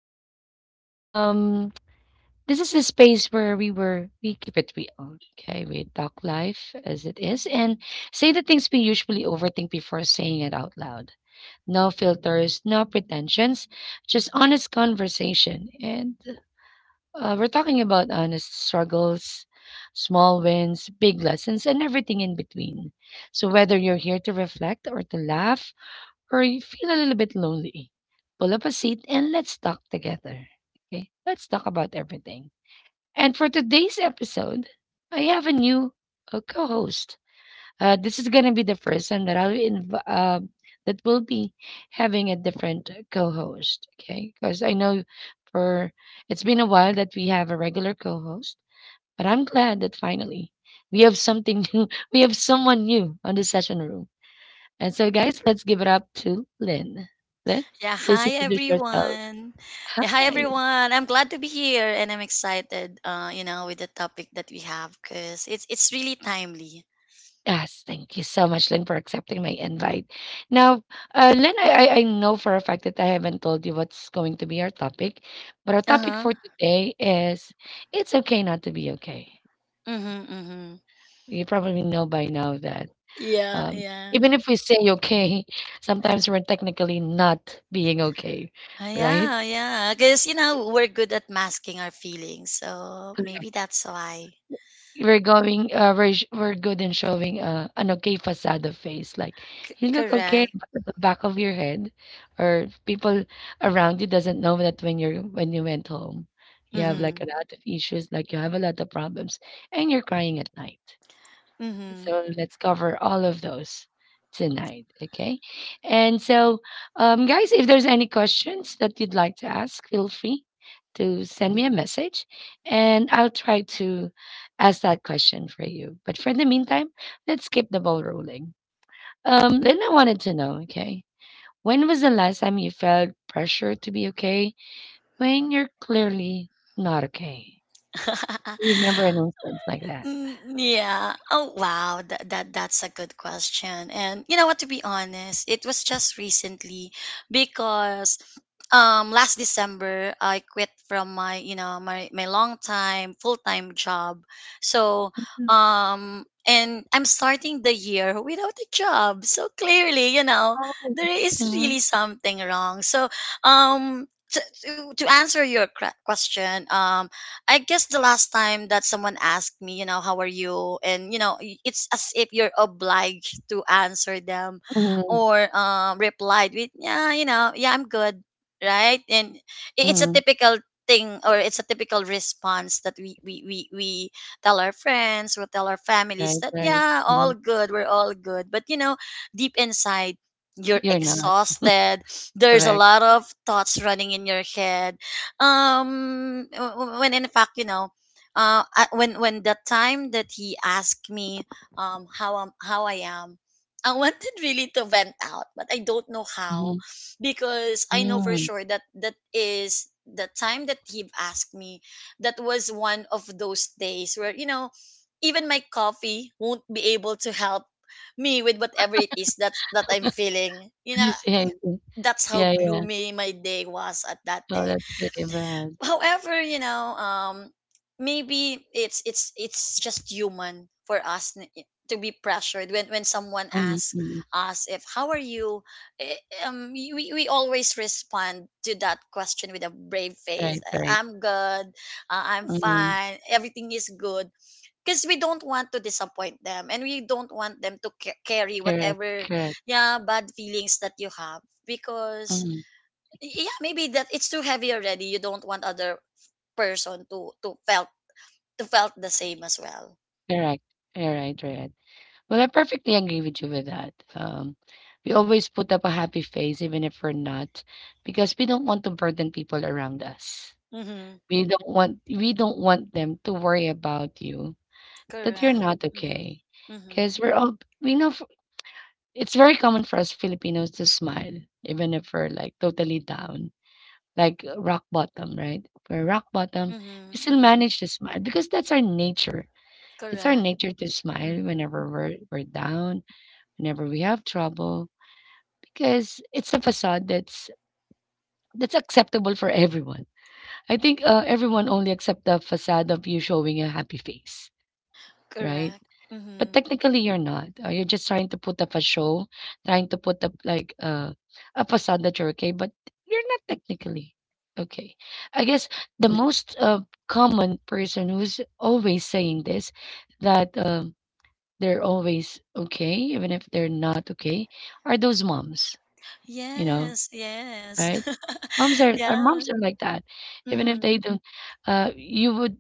2. Um, this is a space where we keep it real. Okay, we talk life as it is and say the things we usually overthink before saying it out loud. No filters, no pretensions, just honest conversation. And we're talking about honest struggles, small wins, big lessons, and everything in between. So, whether you're here to reflect or to laugh, or you feel a little bit lonely, pull up a seat and let's talk together. Okay, let's talk about everything. And for today's episode, I have a new co-host. This is gonna be the person that that will be having a different co-host. Okay, because I know for it's been a while that we have a regular co-host, but I'm glad that finally we have something new. We have someone new on the session room. And so, guys, let's give it up to Lynn. Lynn, Yeah, please hi introduce yourself. everyone. Yeah, hi Hi. everyone. I'm glad to be here, and I'm excited you know, with the topic that we have, cuz it's really timely. Yes, thank you so much, Lynn, for accepting my invite. Now, Lynn, I know for a fact that I haven't told you what's going to be our topic, but our topic Uh-huh. for today is it's okay not to be okay. Mhm. Mhm. You probably know by now that Yeah, um, yeah. even if we say okay, sometimes we're technically not being okay, right? Yeah, yeah. Cuz you know, we're good at masking our feelings. So maybe that's why. We're good in showing an okay facade of face like you look okay Correct. but at the back of your head or people around you doesn't know that when you're when you went home you have like Mhm. a lot of issues like you have a lot of problems and you're crying at night Mhm. so let's cover all of those tonight, okay? And so, guys, if there's any questions that you'd like to ask, feel free to send me a message and I'll try to ask that question for you. But for the meantime, let's keep the ball rolling. Lynn, I wanted to know, okay, when was the last time you felt pressure to be okay when you're clearly not okay? Remember an instance like that? Mm, yeah. Oh wow, that's a good question. And you know what, to be honest, it was just recently because last December I quit from my, you know, my long time full-time job. So, Mm, and I'm starting the year without a job. So clearly, you know, oh. there is Mhm, really something wrong. So, um, to answer your question, um, I guess the last time that someone asked me, you know, how are you? And, you know, it's as if you're obliged to answer them, mhm, or replied with, yeah, you know, yeah, I'm good. Right. And it's a mhm. typical thing, or it's a typical response that we, tell our friends or tell our families Right, that, right. yeah, all Mhm. good. We're all good. But, you know, deep inside, you're You're not, exhausted. There's a correct. lot of thoughts running in your head when, in fact, you know, when the time that he asked me, um, how I'm, how I am, I wanted really to vent out, but I don't know how, Mhm. because I know for Mm. sure that that is the time that he asked me, that was one of those days where, you know, even my coffee won't be able to help me with whatever it is that's, that I'm feeling, you I know. see, I see. That's how Yeah, yeah. gloomy my day was at that Oh, day. that's pretty bad. However, you know, maybe it's just human for us to be pressured when someone Mhm, asks mhm. us if how are you, eh, um, we always respond to that question with a brave face. Right, right. I'm good, I'm Mhm. fine, everything is good, because we don't want to disappoint them, and we don't want them to carry Correct, whatever, correct. yeah, bad feelings that you have, because Mhm, yeah, maybe that it's too heavy already. You don't want other person to to felt the same as well. correct. You right, right. Well, I perfectly agree with you with that. We always put up a happy face even if we're not, because we don't want to burden people around us. Mm-hmm. We don't want them to worry about you, that you're Correct. not Mm-hmm. okay. Mm-hmm. Because we know it's very common for us Filipinos to smile even if we're, like, totally down, like rock bottom, right? If we're rock bottom, we Mm-hmm. still Mm-hmm. manage to smile because that's our nature. It's our Correct. nature to smile Mm-hmm. whenever we're down, whenever we have trouble, because it's a facade that's acceptable for everyone. I think everyone only accept the facade of you showing a happy face, right? Correct. But Mm-hmm. technically you're not, you're just trying to put up a show, trying to put up like, a facade that you're okay, but you're not technically okay. I guess the most, common person who's always saying this, that, they're always okay, even if they're not okay, are those moms, you know, Yes. Yes. right? Moms are our yeah. moms are like that. Even if Mm-hmm. they don't, you would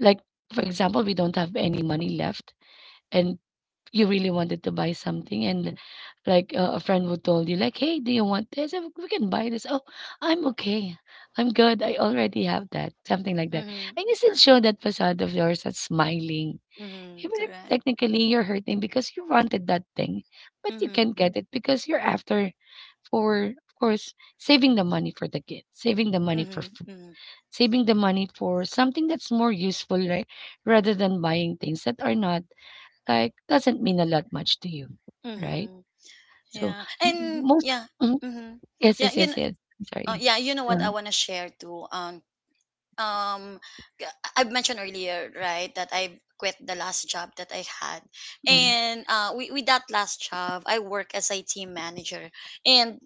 like, for example, we don't have any money left and you really wanted to buy something and like a friend would told you like, hey, do you want this? We can buy this. Oh, I'm okay, I'm good, I already have that, something like that. Mm-hmm. And you still show that facade of yours that's smiling Mm-hmm. even if Correct. technically you're hurting because you wanted that thing but you Mm-hmm. can't get it because you're after for of course saving the money for the kid, saving the money for Mm-hmm. food, Mm-hmm. saving the money for something that's more useful, right, rather than buying things that are not like doesn't mean a lot much to you, right? Mm-hmm. So Yeah. m- And most yeah. mhm. Mm-hmm. Yes, Yeah. yes, yes, yes. I'm sorry. Yeah. You know what, I Yeah. wanna share too. Um, um, I I've mentioned earlier, right, that I quit the last job that I had. Mm. And uh, with that last job, I work as a team manager. And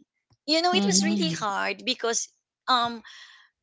you know, it was really Mhm. hard because um,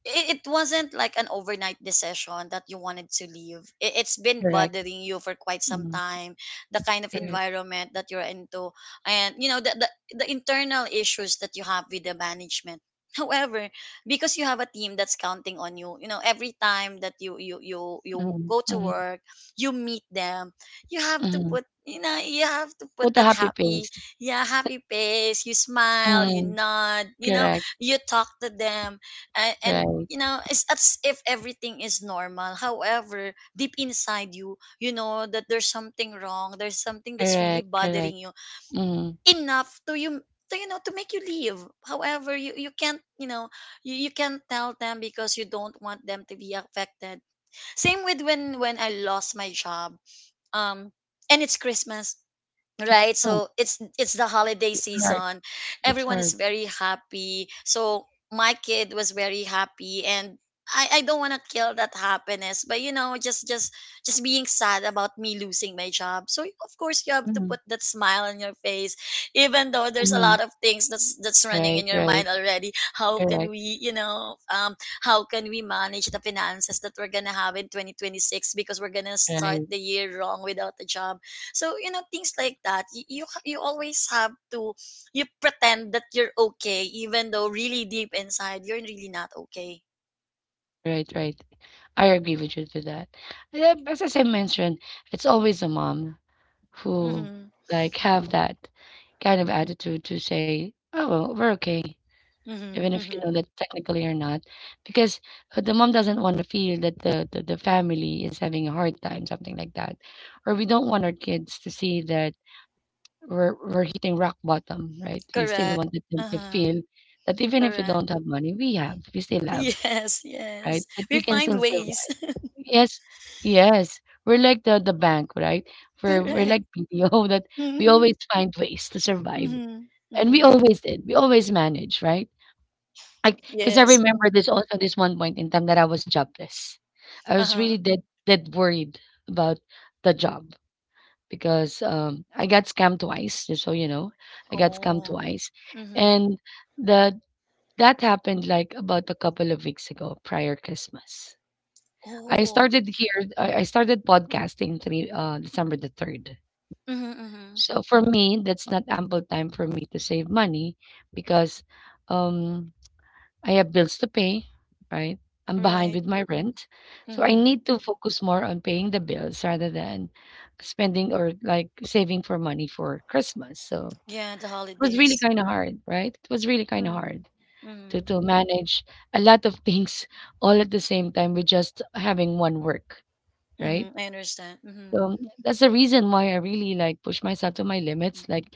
it wasn't like an overnight decision that you wanted to leave. It's been Correct. bothering you for quite some Mm. time, the kind of Correct. environment that you're into, and you know the, the internal issues that you have with the management. However, because you have a team that's counting on you, you know every time that you Mm. go to Mm. work, you meet them. You have to Mm. put, you know, you have to put With a that happy happy— face. yeah, happy face. You smile, you Mm. nod, you know, Correct. you talk to them, and Correct. you know, it's as if everything is normal. However, deep inside you, you know that there's something wrong, there's something that's really Correct. Correct. bothering you Mm. enough to you, to you know, to make you leave. However, you can't, you know, you can't tell them because you don't want them to be affected. Same with when I lost my job, um, and it's Christmas, right? Mm. So it's the holiday It's hard. season. It's Everyone hard. is very happy. So my kid was very happy, and I don't want to kill that happiness, but you know, just being sad about me losing my job. So of course, you have to Mm. put that smile on your face, even though there's a Mm. lot of things that's running Right. in your Right. mind already. How can Correct. we, you know, um, how can we manage the finances that we're gonna have in 2026, because we're gonna start Right. the year wrong without a job. So you know, things like that. You always have to, you pretend that you're okay, even though really deep inside you're really not okay. Right. Right. I agree with you to that. Yeah, as I mentioned, it's always a mom who, Mm-hmm. like, have that kind of attitude to say, "Oh, well, we're okay," Mm-hmm. even if you know Mm-hmm. that technically you're not, because the mom doesn't want to feel that the family is having a hard time, something like that, or we don't want our kids to see that we're hitting rock bottom, right? We still Correct. wanted them to Uh-huh. feel that even if we Correct. don't have money, we have, we still have, Yes. right? Yes. That we We can find still ways. survive. Yes, yes. We're like the bank, right? We're Correct. like BPO that we Mm-hmm. always find ways to survive, Mm-hmm. and we Mm-hmm. always did. We always manage, right? Like, because I Yes. Mm-hmm. remember this also this one point in time that I was jobless. I was Uh-huh. really dead worried about the job because I got scammed twice. Just so you know, I got scammed Oh. twice, Mm-hmm. and the that happened like about a couple of weeks ago prior Christmas. I Oh. started here. I started podcasting three December the third. Mm-hmm. Mm-hmm. So for me, that's not ample time for me to save money because um, I have bills to pay, right? I'm behind Right. with my rent, so I Mm-hmm. need to focus more on paying the bills rather than spending or like saving for money for Christmas. So Yeah. The it was really holidays. kind of hard, right? It was really kind of hard Mm-hmm. Mm-hmm. to manage a lot of things all at the same time with just having one work, right? Mm-hmm. I understand. Mm-hmm. So that's the reason why I really like push myself to my Mm-hmm. limits. Like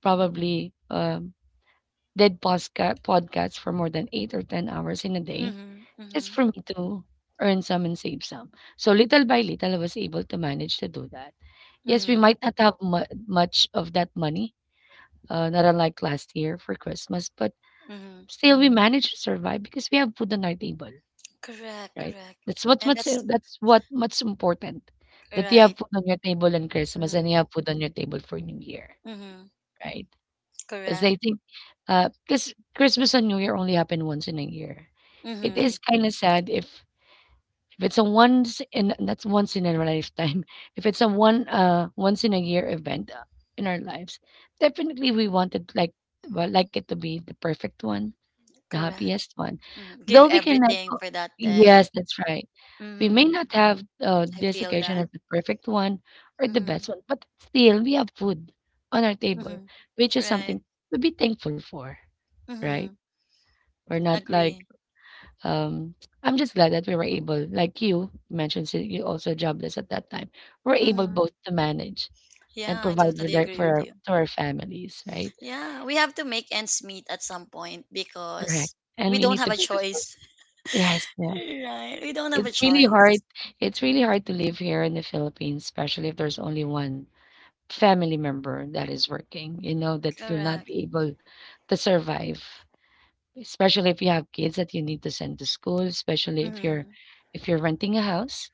probably did podcasts for more than eight or ten hours in a day, just Mm-hmm. for me to earn some and save some. So little by little, I was able to manage to do that. Yes, we Mm-hmm. might not have much of that money, not unlike last year for Christmas, but Mm-hmm. still we managed to survive because we have food on our table. Correct, Right? correct. And that's That's what much important, that you have right. food on your table on Christmas and you Mm-hmm. have food on your table for New Year, Mm-hmm. right. Because Correct. I think, because Christmas and New Year only happen once in a year. It is Mm-hmm. kinda sad if it's a once in that's once in a lifetime, if it's a one once in a year event, in our lives, definitely we wanted like, well, like it to be the perfect one, the Correct. happiest one. Mm-hmm. Give Though we cannot everything o for that day. yes, that's right. We may Mm-hmm. not have, I this feel occasion that. as the perfect one or the Mm-hmm. best one, but still we have food on our table, Mm-hmm. which is Right. something to be thankful for, right? Mm-hmm. We're not like, Agree. um I'm just glad that we were able, like you mentioned, you also jobless at that time. We're able Mm-hmm. both to manage and Yeah, I provide for totally their, agree for with our, you. to our families, right? Yeah, we have to make ends meet at some point, Correct. because And we we don't need have to a be choice. resourceful. Yes, right. We don't have a It's really hard choice. it's really hard to live here in the Philippines, especially if there's only one family member that is working, you know, that you'll not Correct. be able to survive. Especially if you have kids that you need to send to school, especially Mm-hmm. if you're renting a house,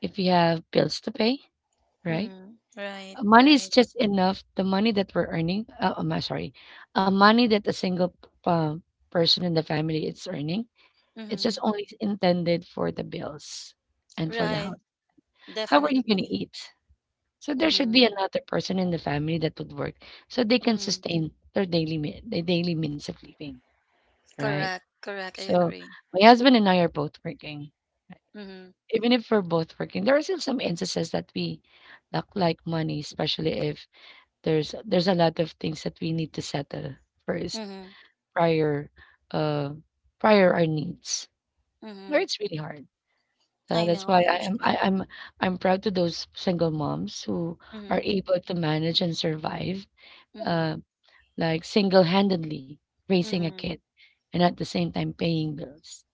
if you have bills to pay, right? Mm-hmm. Right, money is right. just enough. The money that we're earning, I'm sorry, a money that a single person in the family is earning, it's Mm-hmm. just only intended for the bills and for the Right. house. How are you gonna Definitely. eat? So there should Mm-hmm. be another person in the family that would work so they can Mm-hmm. sustain their daily me their daily means of living, right? Correct. Correct. I So agree. my husband and I are both working. Mm-hmm. Even if we're both working, there are still some instances that we lack like money, especially if there's a lot of things that we need to settle first Mm-hmm. prior uh prior our needs. Where Mm-hmm. it's really hard. I That's know. why I understand. I'm proud to those single moms who are Mm-hmm. able to manage and survive, uh, Mm-hmm. like single-handedly raising a Mm-hmm. kid and at the same time paying bills.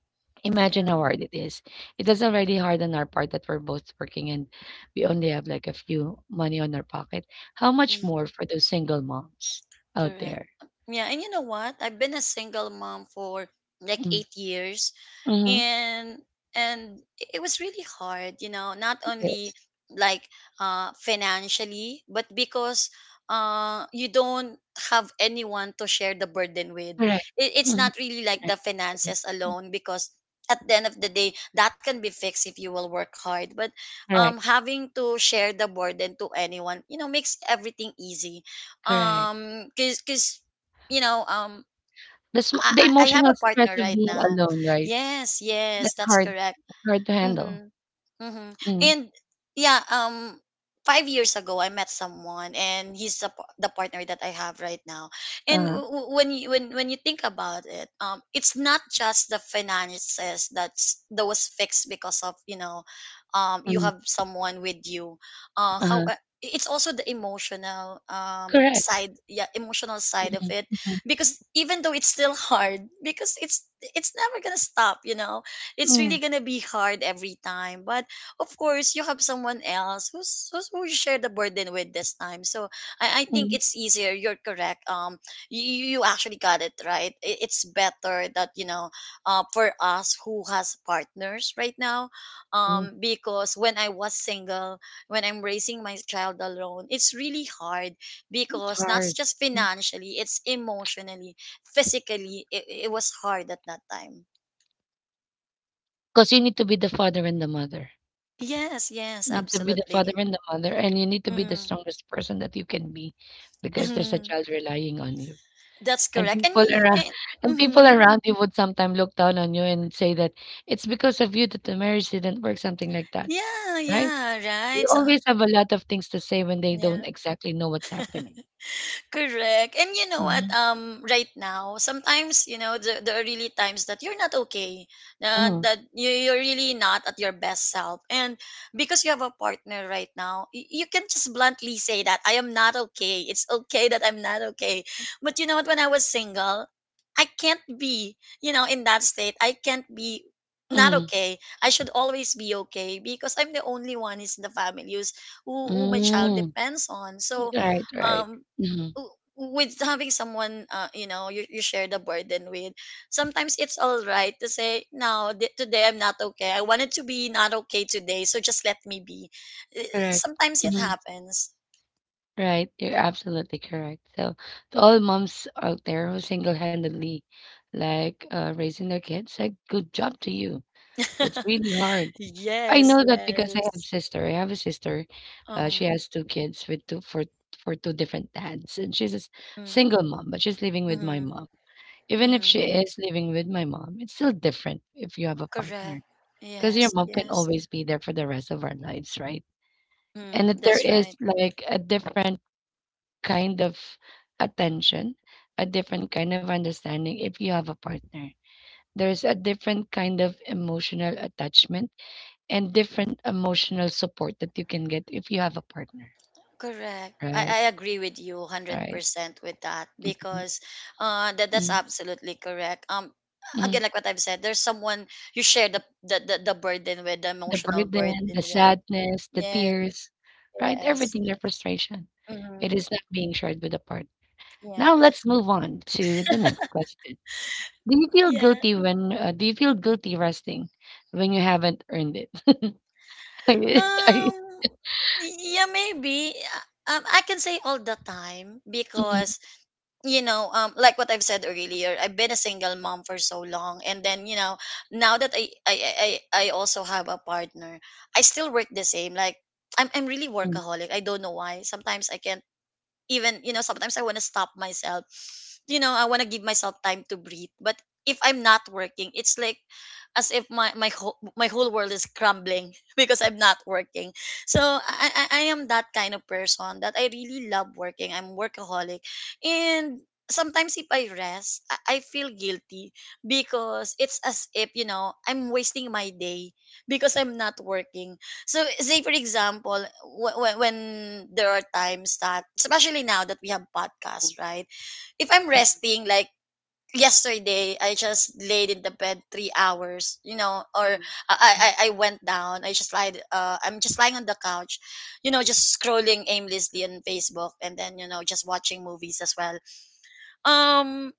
Imagine Yeah. how hard it is. It is already hard on our part that we're both working and we only have like a few money on our pocket. How much Mm-hmm. more for those single moms out Correct. there? Yeah. And you know what? I've been a single mom for like 8 years, Mm-hmm. and and it was really hard, you know, not It only is. like financially, but because you don't have anyone to share the burden with. Correct. It's Mhm. not really like Correct. the Okay. finances alone, because at the end of the day that can be fixed if you will work hard. But um, Correct. having to share the burden to anyone, you know, makes everything easy, Correct. um, because you know, um, The sm I, the I have emotional a partner stress of right being now. alone, right? Yes, yes, That's that's hard correct. hard to handle. Mm-hmm. Mm-hmm. Mm. And yeah, 5 years ago I met someone, and he's the, the partner that I have right now. And uh, when you, when you think about it, it's not just the finances that's, that was fixed because of, you know, you mm, have someone with you. How uh-huh. It's also the emotional Correct. side, yeah, emotional side of Mhm, it, mhm, because even though it's still hard, because it's never gonna stop, you know, it's mm, really gonna be hard every time. But of course, you have someone else who's who you share the burden with this time. So I think mm, it's easier. You're correct. You, you actually got it right. It's better that, you know, for us who has partners right now, mm. Because when I was single, when I'm raising my child alone, it's really hard, It's because not hard, just because financially, it's emotionally, physically. It was hard at that time. you need to be the father and the mother. Yes, yes, You need to be the father absolutely. and the mother, and you need to be the Mhm. strongest person that you can be because there's a child relying on you. that's And correct. And, people around and and people mhm, around you would sometimes look down on you and say that it's because of you that the marriage didn't work, something like that, yeah, right? yeah, They right. So, always have a lot of things to say when they don't yeah. exactly know what's happening. Correct. And you know what? Mhm, Right now, sometimes you know the, there are really times that you're not okay. Mhm, That you're really not at your best self, and because you have a partner right now, you can just bluntly say that I am not okay. It's okay that I'm not okay. But you know what? When I was single, I can't be. You know, in that state, I can't be not mhm, okay. I should always be okay, because I'm the only one is in the family who's, who my child mm. depends on. So Right, right. um, Mhm, with having someone, you know, you share the burden with, sometimes it's all right to say no, today I'm not okay, I wanted to be not okay today, so just let me be. Eh, correct. sometimes it Mhm, happens. right, you're absolutely correct. So, to all moms out there who single-handedly, raising their kids, like, good job to you. It's really hard. I yes, know that because yes. I have a sister, she Um. has 2 kids with 2 for for 2 different dads, and she's a s Mm-hmm, single mom, but she's living with my mom. Even if mm-hmm. she is living with my mom, it's still different if you have a Correct. partner, because Yes, your mom can yes. always be there for the rest of our lives, right? And Mm, that there that's right. is, like, a different kind of attention, a different kind of understanding if you have a partner. There's a different kind of emotional attachment and different emotional support that you can get if you have a partner, Correct. I right? agree with you Right. 100% with that, Mm, because that's mm, absolutely correct. Mm. Again, like what I've said, there's someone you share the, the burden with, the The emotional burden burden, the with. sadness, the Yeah, tears, right? yes. Everything, your frustration. It Mm-hmm. is not being shared with a partner. Yeah, Now let's move on to the next question. Do you feel yeah. guilty when uh, do you feel guilty resting when you haven't earned it? Are you- are you— Um, yeah, maybe. Um, I can say all the time, Mm, because you know, like what I've said earlier, I've been a single mom for so long, and then you know, now that I also have a partner, I still work the same. Like I'm really mm, workaholic. I don't know why. Sometimes I can even, you know, sometimes I want to stop myself, you know, I want to give myself time to breathe, but if I'm not working, it's like as if my my whole world is crumbling, because I'm not working. So I am that kind of person that I really love working, I'm workaholic. And sometimes if I rest, I feel guilty, because it's as if, you know, I'm wasting my day because I'm not working. So, say for example, when, there are times that, especially now that we have podcasts, right? If I'm resting, like yesterday, I just laid in the bed 3 hours, or I mm. I, I went down. I just lied. I'm just lying on the couch, just scrolling aimlessly on Facebook, and then just watching movies as well. Um.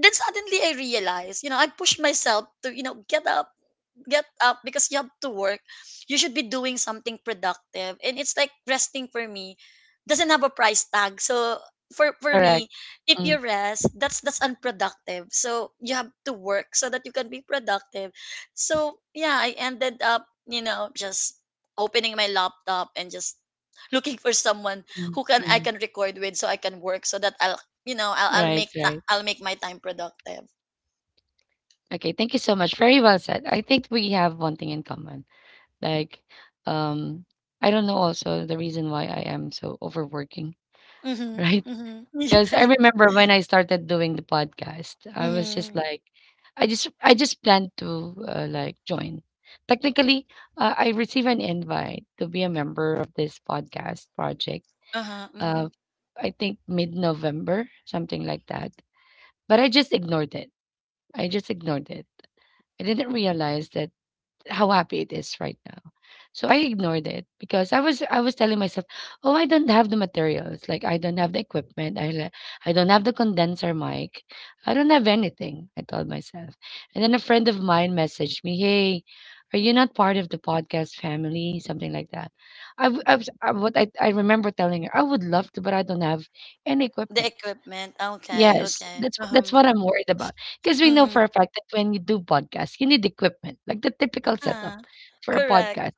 Then suddenly I realized, I pushed myself to, get up because you have to work. You should be doing something productive. And it's like resting for me doesn't have a price tag. So for Correct. me, if Mm, you rest, that's unproductive. So you have to work so that you can be productive. So yeah, I ended up, just opening my laptop and just looking for someone mm, who can I mm. can record with, so I can work so that I'll you know I'll Right, make ta- right. I'll make my time productive. Okay, thank you so much. Very well said. I think we have one thing in common. Like, um, I don't know also the reason why I am so overworking, right? Mm-hmm. Mm-hmm. Because I Right. remember when I started doing the podcast, I was just Mm-hmm. like, I just planned to like join. Technically, I received an invite to be a member of this podcast project. Uh-huh, Uh, mhm. I think mid November, something like that. But I just ignored it. I just ignored it. I didn't realize that how happy it is right now. So I ignored it because I was telling myself, oh, I don't have the materials, like I don't have the equipment, I don't have the condenser mic, I don't have anything. I told myself, and then a friend of mine messaged me, hey, are you not part of the podcast family? Something like that. I, w- I was I, what I remember telling her, I would love to, but I don't have any The equipment. equipment. Okay, Yes, okay. That's Uh-huh. what I'm worried about. Because we know for Mhm. a fact that when you do podcasts, you need equipment, like the typical setup Ah, for a correct. podcast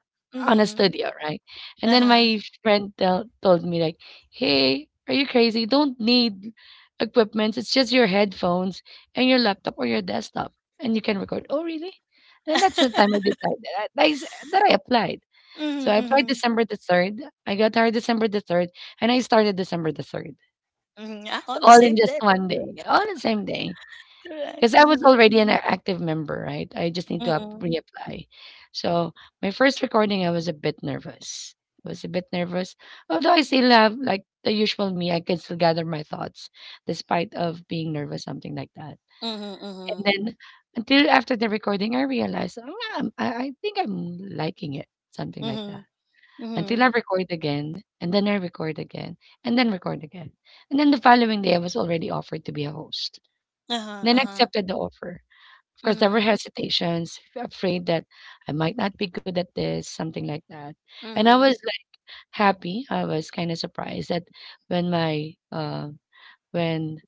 on a Mhm. studio, right? And then Uh-huh. my told me like, "Hey, are you crazy? You don't need equipment. It's just your headphones and your laptop or your desktop, and you can record." Oh, really? Then that's the time I decided I, I s- that I applied. Mhm, So I applied mhm. December the third. I got hired December the third, and I started December the third. Mhm. Ah, So on the all in same just day. one day, yeah, all in the same day. Because Correct. I was Mhm. already an active member, right? I just need to Mhm. reapply. So my first recording, I was a bit nervous. I was a bit nervous, although I still have like the usual me. I can still gather my thoughts, despite of being nervous, something like that. Mhm, And mhm. then until after the recording, I realized, oh, yeah, I think I'm liking it, something like that Mhm. until I Mhm. record again, and then I record again, and then record again. And then the following day, I was already offered to be a host. And Uh-huh, then I uh-huh. accepted the offer. Of course, there were Mhm. hesitations, afraid that I might not be good at this, something like that. And I Mhm. was like happy. I was kind of surprised that when my uh, when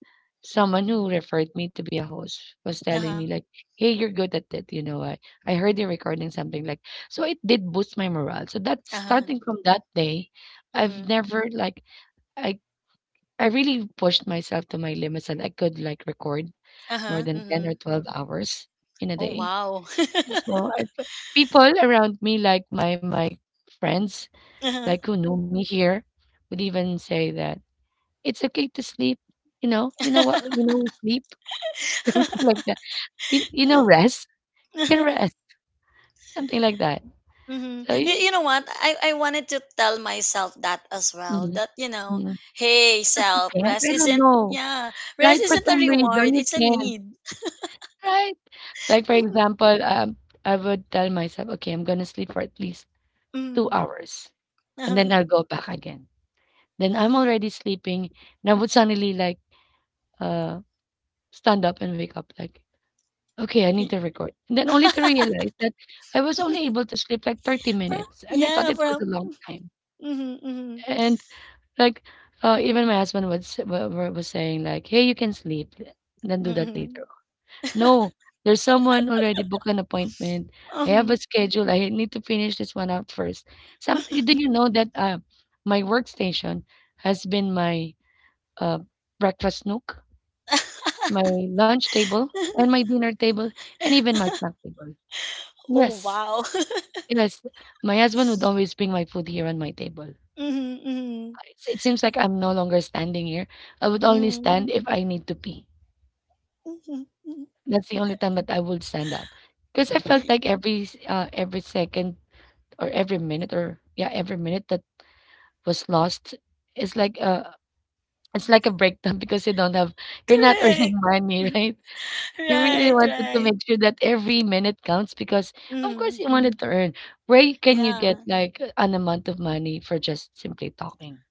someone who referred me to be a host was telling me Uh-huh. like, "Hey, you're good at it." You know, I heard you recording something like, so it did boost my morale. So that Uh-huh. starting from that day, I've Mhm. never like I I really pushed myself to my limits and I could like record more Uh-huh. than ten or Mhm. twelve hours in a Oh, day. wow. So people around me, like my friends, like who knew me here, would even say that it's okay to sleep, you know? You know what? You know, sleep, something Uh-huh. like that. You know, rest. You can rest, something like that. Mm-hmm. So You, you. you know what? I wanted to tell myself that as well. mhm, That, mhm. hey, But you self, can't? rest I don't isn't, know, yeah, rest right? For isn't a some reward, reason, you it's a can, need. right? Like, for example, I would tell myself, "Okay, I'm gonna sleep for at least 2 Mm-hmm. hours, and then I'll go back again." Then I'm already sleeping, and I would suddenly, like, uh, stand up and wake up, like, okay, I need to record. And then only to realize that I was only able to sleep like 30 minutes, and I thought Yeah, it was a long time. mm-hmm, mm-hmm, And like, even my husband was was saying like, "Hey, you can sleep, then do that mm-hmm. later." No, there's someone already booked an appointment. I have Um, a schedule. I need to finish this one out first. Some do you know that my workstation has been my uh, breakfast nook, my lunch table, and my dinner table, and even my snack table. oh, Yes. wow. Yes, my husband would always bring my food here on my table. Mm-hmm, mm-hmm, It's it seems like I'm no longer standing here. I would only stand if I need to pee. mm-hmm. Mm-hmm. That's the only time that I would stand up. Because I felt like every second or every minute or every minute that was lost is like a it's like a breakdown because you don't have you're not earning Correct. money, right? You really Right, wanted to make right. sure that every minute counts because of course Mm-hmm. you wanted to earn. Where can you get Yeah. like an amount of money for just simply talking?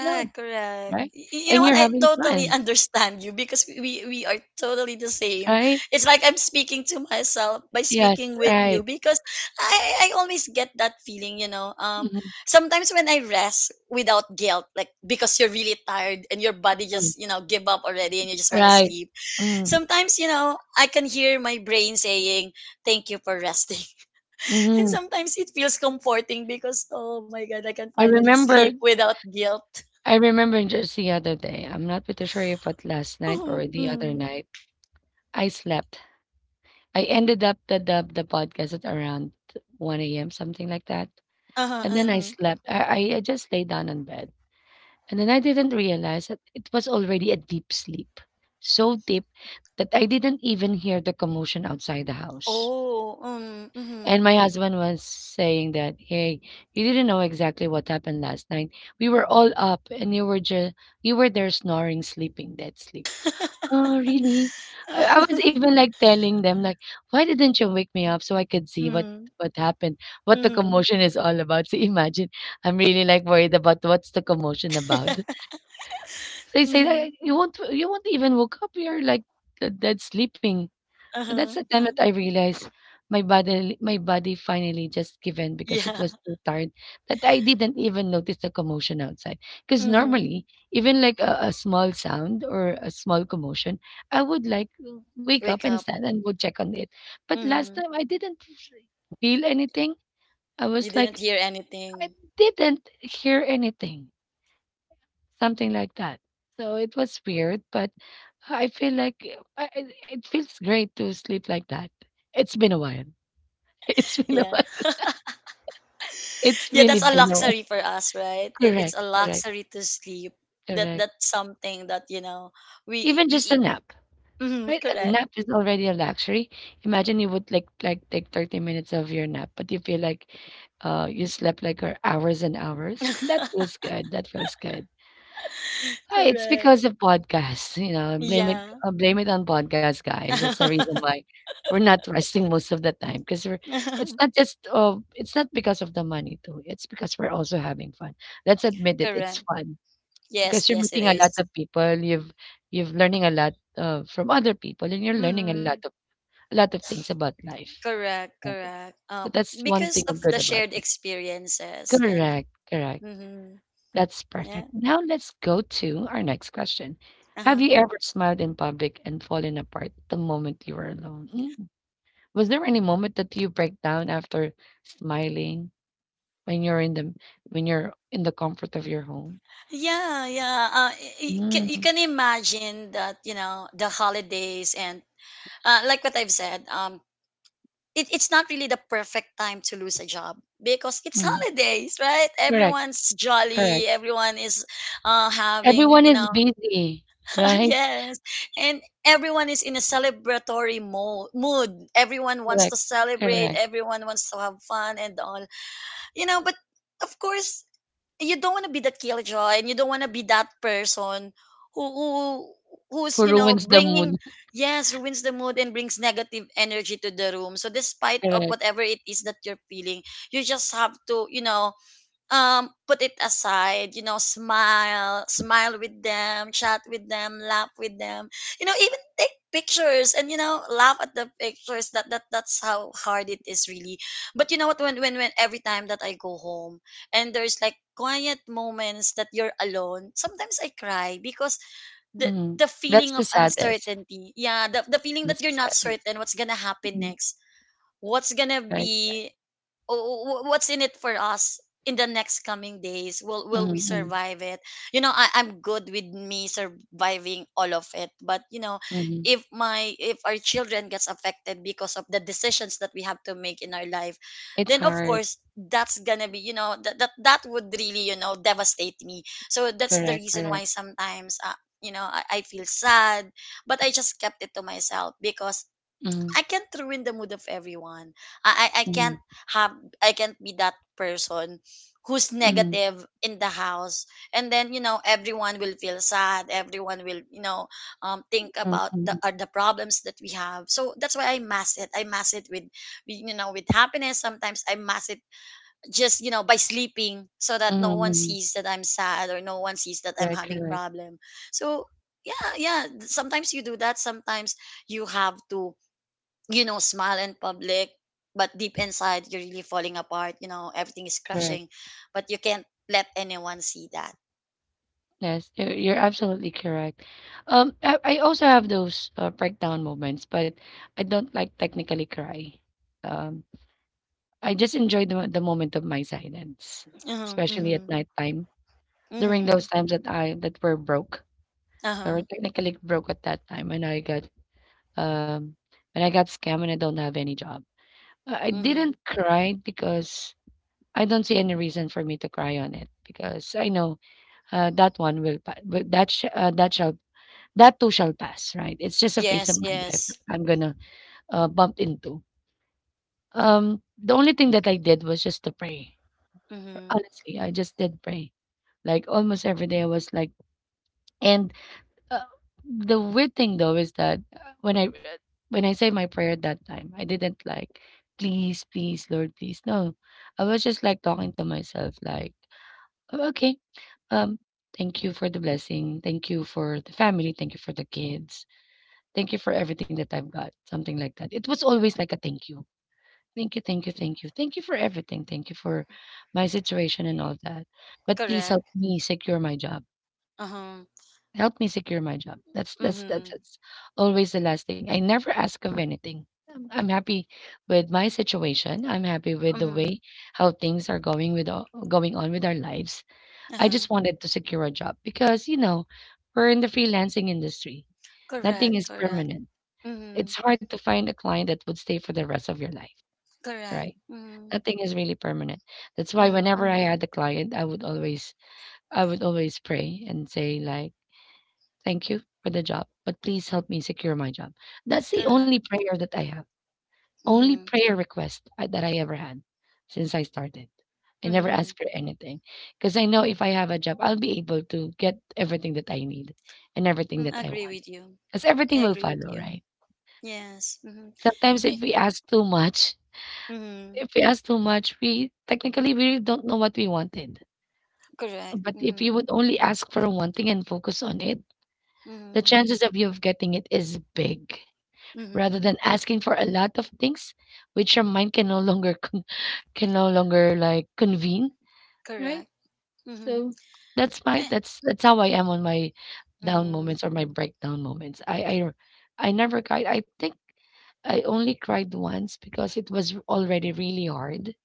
No, correct. right? You know And what? you're I having totally fun, understand you because we are totally the same. right? It's like I'm speaking to myself by Yes, speaking with right. you, because I always get that feeling. Mhm, Sometimes when I rest without guilt, like because you're really tired and your body mm, just, give up already, and you just want to right. sleep. Mm, Sometimes, I can hear my brain saying, "Thank you for resting." And mhm. sometimes it feels comforting because, oh my god, I can I finally remember sleep without guilt. I remember just the other day, I'm not pretty sure if it last night Mhm, or the mm. other night, I slept. I ended up the podcast at around 1 a.m., something like that. Uh-huh, And then I mhm. slept. I just lay down on bed. And then I didn't realize that it was already a deep sleep. So deep that I didn't even hear the commotion outside the house. Oh, mhm. And my husband was saying that, "Hey, you didn't know exactly what happened last night. We were all up, and you were just you were there snoring, sleeping, dead sleep." Oh, really? I was even like telling them, like, "Why didn't you wake me up so I could see Mm, what happened, what the mhm. commotion is all about?" So imagine, I'm really like worried about what's the commotion about. They say that Mhm. you won't even woke up. You're like dead sleeping. So that's the Uh-huh, time that uh-huh. I realized my body finally just given because it Yeah. was so tired that I didn't even notice the commotion outside. Because Mhm. normally, even like a small sound or a small commotion, I would like wake up Wake and up. stand and go check on it. But last Mhm. time I didn't feel anything. I You was didn't like, hear I anything. didn't hear anything. Something like that. So it was weird, but I feel like it it feels great to sleep like that. It's been a while. It's been a Yeah. while. It's Yeah, really that's a been a while. luxury for us, right? It's Correct, a correct, luxury to sleep. That correct. that's something that, you know, we Even just a I- nap, mhm, right? A nap correct. is already a luxury. Imagine you would like take 30 minutes of your nap, but you feel like you slept like for hours and hours. That feels good. That feels good. Ah, it's Correct. because of podcasts, you know. Yeah. Blame it on podcasts, guys. That's the reason why we're not resting most of the time because we're it's not just it's not because of the money too. It's because we're also having fun. Let's admit it. It's Correct. fun Yes, because you're yes it meeting a lot is. of people, you've learning a lot, from other people, and you're learning Mhm. A lot of things about life. Correct, Okay. correct. So that's one Because thing of good the about shared it. experiences, and Correct, correct. mm-hmm, That's yeah, perfect. Now let's go to our next question. Have uh-huh. you ever smiled in public and fallen apart the moment you were alone? Mm. Was there any moment that you break down after smiling when you're in the comfort of your home? Yeah, yeah. You Mm, can imagine that, the holidays, and like what I've said. It's not really the perfect time to lose a job, because it's mm. holidays, right? Correct, Everyone's jolly. correct. Everyone is having, Everyone is busy, right? yes. And everyone is in a celebratory mood. Everyone wants Correct, to celebrate, correct. everyone wants to have fun and all. But of course, you don't want to be the killjoy, and you don't want to be that person who, who who's, Who ruins the bringing, mood. yes, ruins the mood and brings negative energy to the room. So despite of Correct. whatever it is that you're feeling, you just have to, put it aside, smile with them, chat with them, laugh with them, even take pictures and, laugh at the pictures. That's how hard it is, really. But you know what, when every time that I go home and there's like quiet moments that you're alone, sometimes I cry because the Mhm. the That's feeling the of saddest. uncertainty, yeah, the feeling That's that the you're not saddest. certain what's gonna happen Mhm. next. What's gonna Right, right. be oh, wh- What's in it for us in the next coming days? Will we Mhm, survive it? I'm good with me surviving all of it, but, mhm, mhm. if my if our children gets affected because of the decisions that we have to make in our life, It's then of hard. course that's gonna be, that would really, devastate me. So that's the Correct, reason why correct. sometimes, I feel sad, but I just kept it to myself, because Mhm, I can't ruin the mood of everyone. I, I I can't mhm, have I can't be that person who's mhm, negative in the house, and then, everyone will feel sad, everyone will, think mhm, about the, mhm, the problems that we have. So that's why I mask it, I mask it with with happiness. Sometimes I mask it just, by sleeping, so that no mhm, one mhm. sees that I'm sad, or no one sees that I'm Correct, having correct, problem. So yeah, yeah, sometimes you do that. Sometimes you have to, smile in public, but deep inside you're really falling apart. Everything is correct. crashing, but you can't let anyone see that. Yes, you're absolutely correct. I also have those breakdown moments, but I don't like technically cry. Um, I just enjoy the moment of my silence, Mm-hmm, especially at mm-hmm, nighttime. During mm-hmm, those times that I that were broke, or uh-huh, technically broke at that time, and I got um, when I got scammed and I don't have any job. I mm-hmm. didn't cry because I don't see any reason for me to cry on it because I know that one will pa- wi- that sh- that shall that too shall pass, right? It's just a phase of Yes, my life that yes. I'm gonna bump into. The only thing that I did was just to pray. Mm-hmm. Honestly, I just did pray. Like almost every day I was like, and uh, the weird thing though is that when I say my prayer at that time, I didn't like, please, please, Lord, please. No. I was just like talking to myself like, "Oh, okay, um thank you for the blessing. Thank you for the family. Thank you for the kids. Thank you for everything that I've got." Something like that. It was always like a thank you. Thank you, thank you, thank you. Thank you for everything. Thank you for my situation and all that. But please help Correct. me secure my job. Uh-huh. Help me secure my job. That's that's that's Mm-hmm. that's always the last thing. I never ask of anything. I'm happy with my situation. I'm happy with the Mm-hmm. way how things are going with all, going on with our lives. I Uh-huh. just wanted to secure a job because you know we're in the freelancing industry. Nothing Correct, is correct. permanent. Mm-hmm. It's hard to find a client that would stay for the rest of your life, Correct. right? Mm-hmm. Nothing is really permanent. That's why Mm-hmm. whenever I had a client, I would always pray and say like, thank you for the job, but please help me secure my job. That's the only Correct. prayer that I have, only Mm-hmm. prayer request I that I ever had since I started. I never Mm-hmm. asked for anything because I know if I have a job, I'll be able to get everything that I need and everything Mm, that I I agree want with you. because I everything will agree with follow, you. right? Yes. Mm-hmm. Sometimes eh, if we ask too much, Mm-hmm. if we ask too much, we technically we really don't know what we wanted. Correct. But if Mm-hmm. you would only ask for one thing and focus on it, the Mm-hmm. chances of you of getting it is big, Mhm. rather than asking for a lot of things which your mind can no longer can no longer like convene, right? Correct. Mhm. So that's my, Eh, that's how I am on my down Mhm. moments or my breakdown moments. I never cried, I think. I only cried once because it was already really hard.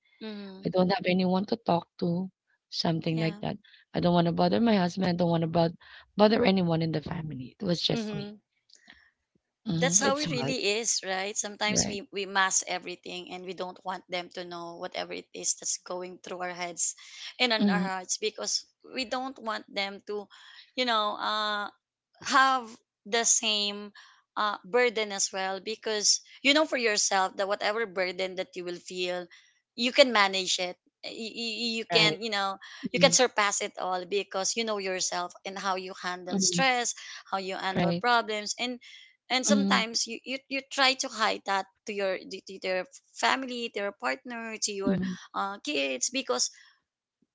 I Mhm. don't have anyone to talk to, something like Yeah. that. I don't want to bother my husband, I don't want to bother anyone in the family. It was just me. Mhm. Hmm, That's how it's it hard, really is, right? Sometimes right. we mask everything, and we don't want them to know whatever it is that's going through our heads and on our Hmm. hearts, because we don't want them to, you know, uh have the same burden as well, because you know for yourself that whatever burden that you will feel, you can manage it, you, you Right. can you know you can Mhm. surpass it all, because you know yourself and how you handle Mhm. stress, how you handle Right. problems. And Mhm, sometimes you try to hide that to your family, to your partner, to your mhm, kids, because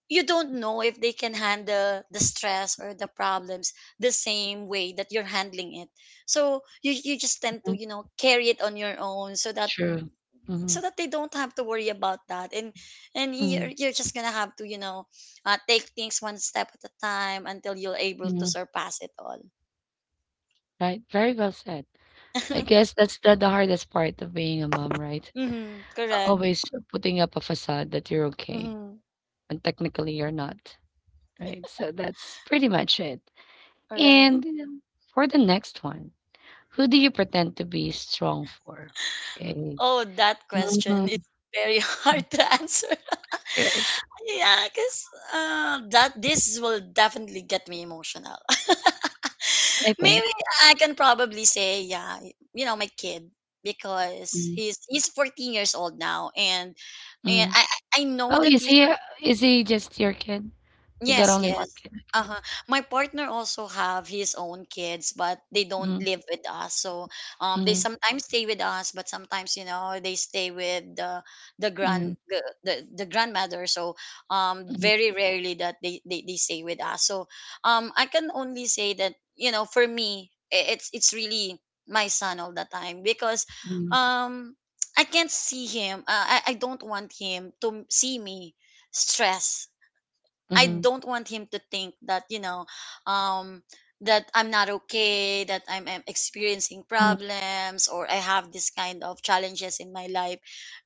you don't know if they can handle the stress or the problems the same way that you're handling it. So you just tend to, mhm. Carry it on your own, so that True. Mhm, so that they don't have to worry about that. And you're, mhm, you're just gonna have to, take things one step at a time until you're able to mhm. surpass it all. Right, very well said. I guess that's the hardest part of being a mom, right? Mm-hmm, A, correct. always putting up a facade that you're okay, Mm-hmm, when technically you're not, right? So that's pretty much it. all right. And, you know, for the next one, who do you pretend to be strong for? Okay. Oh, that question is Mhm, very hard to answer. correct, Yeah, because that this will definitely get me emotional. I Maybe think. I can probably say, yeah, my kid, because Mhm, he's 14 years old now, and mhm. I know Oh, that. Is he just your kid? You got Yes, only 1 yes. kid, okay. Uh-huh. My partner also have his own kids, but they don't Mhm, live with us. So, they mhm. sometimes stay with us, but sometimes, they stay with the Mm, grand the, the, the grandmother. So, mm, very rarely that they stay with us. So, I can only say that, you know, for me, it's really my son all the time, because mm, um I can't see him. I don't want him to see me stress. I mhm, don't want him to think that, um that I'm not okay, that I'm experiencing mhm, problems, or I have this kind of challenges in my life,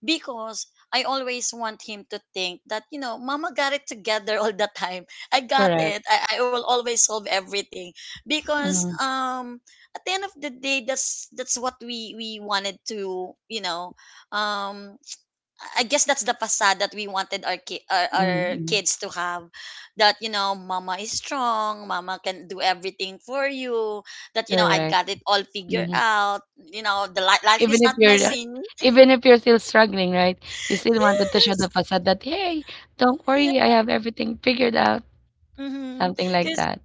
because I always want him to think that, mama got it together all the time. I got correct. it. I will always solve everything, because, Mhm, at the end of the day, that's what we wanted to, um I guess that's the facade that we wanted our, ki- mhm, our mhm, kids to have, that, you know, mama is strong, mama can do everything for you, that you know I correct. got it all figured Mhm. out, you know, the life Even is if not you're messy. Still struggling, right? You still wanted to show the Yes. facade that, hey, don't Yeah. worry, I have everything figured out. Mm-hmm. Something like that.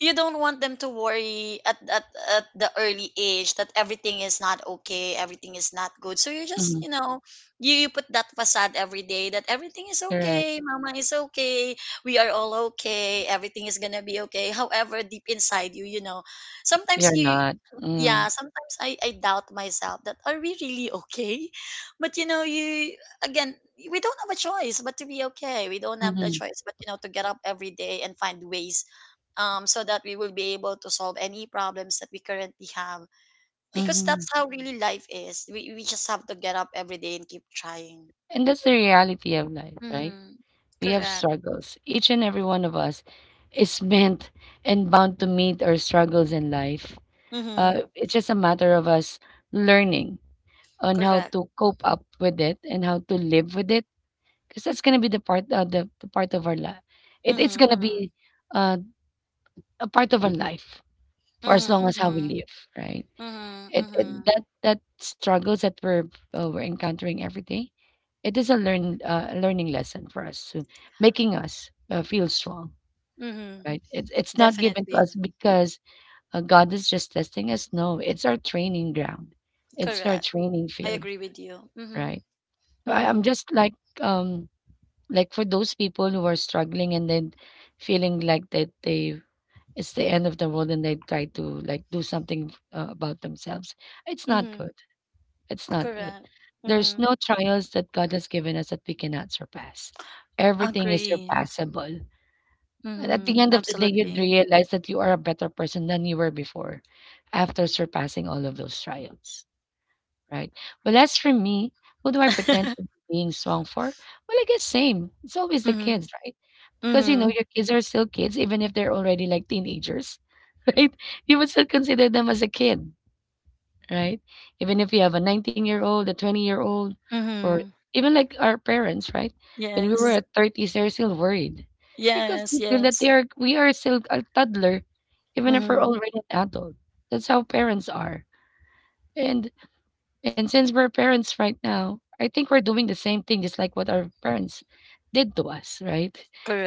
You don't want them to worry at, at the early age, that everything is not okay, everything is not good. So you just, Mhm, you put that facade every day, that everything is okay, correct. mama is okay, we are all okay, everything is gonna be okay. However, deep inside you, you know, sometimes You're you not. yeah, Mm, sometimes I doubt myself that, are we really okay? But, you know, you again, we don't have a choice but to be okay. We don't have the mhm, choice but, to get up every day and find ways, so that we will be able to solve any problems that we currently have. Because mhm. that's how really life is. We just have to get up every day and keep trying. And that's the reality of life, right? Mm-hmm. We have Correct. struggles. Each and every one of us is meant and bound to meet our struggles in life. Mm-hmm. It's just a matter of us learning on how Correct. to cope up with it and how to live with it, because that's gonna be the part the part of our life. It's Mm-hmm. gonna Mm-hmm. be uh, a part of our life for as long as how we Mm-hmm. live, right? Mm-hmm. Mm-hmm. It Mm-hmm. that struggles that we're encountering every day. It is a learn a learning lesson for us, to making us feel strong, Mm-hmm. right? It it's not given to us Definitely. because, God is just testing us. No, it's our training ground. It's our Correct. training I field, agree with you. Mm-hmm. right? So I'm Mm-hmm. just like, um like for those people who are struggling and then feeling like that they, it's the end of the world and they try to like do something about themselves. It's not Mm-hmm. good. It's not good. Correct. There's Mm-hmm. no trials that God has given us that we cannot surpass. Everything is Agree. surpassable. And at the Mm-hmm. end of the day, you'd Absolutely. realize that you are a better person than you were before after surpassing all of those trials, right? Well, as for me, who do I pretend to be being strong for? Well, I guess same. It's always the Mm-hmm. kids, right? Because, you know, Mm-hmm. your kids are still kids, even if they're already like teenagers, right? You would still consider them as a kid, right? Even if you have a 19-year-old, a 20-year-old, or Mm-hmm. even like our parents, right? When we were Yes. at thirties, they're still worried because Yes. we feel that Yes. they are we are still a toddler, even if we're Mm-hmm. already an adult. That's how parents are. And since we're parents right now, I think we're doing the same thing, just like what our parents did to us, right?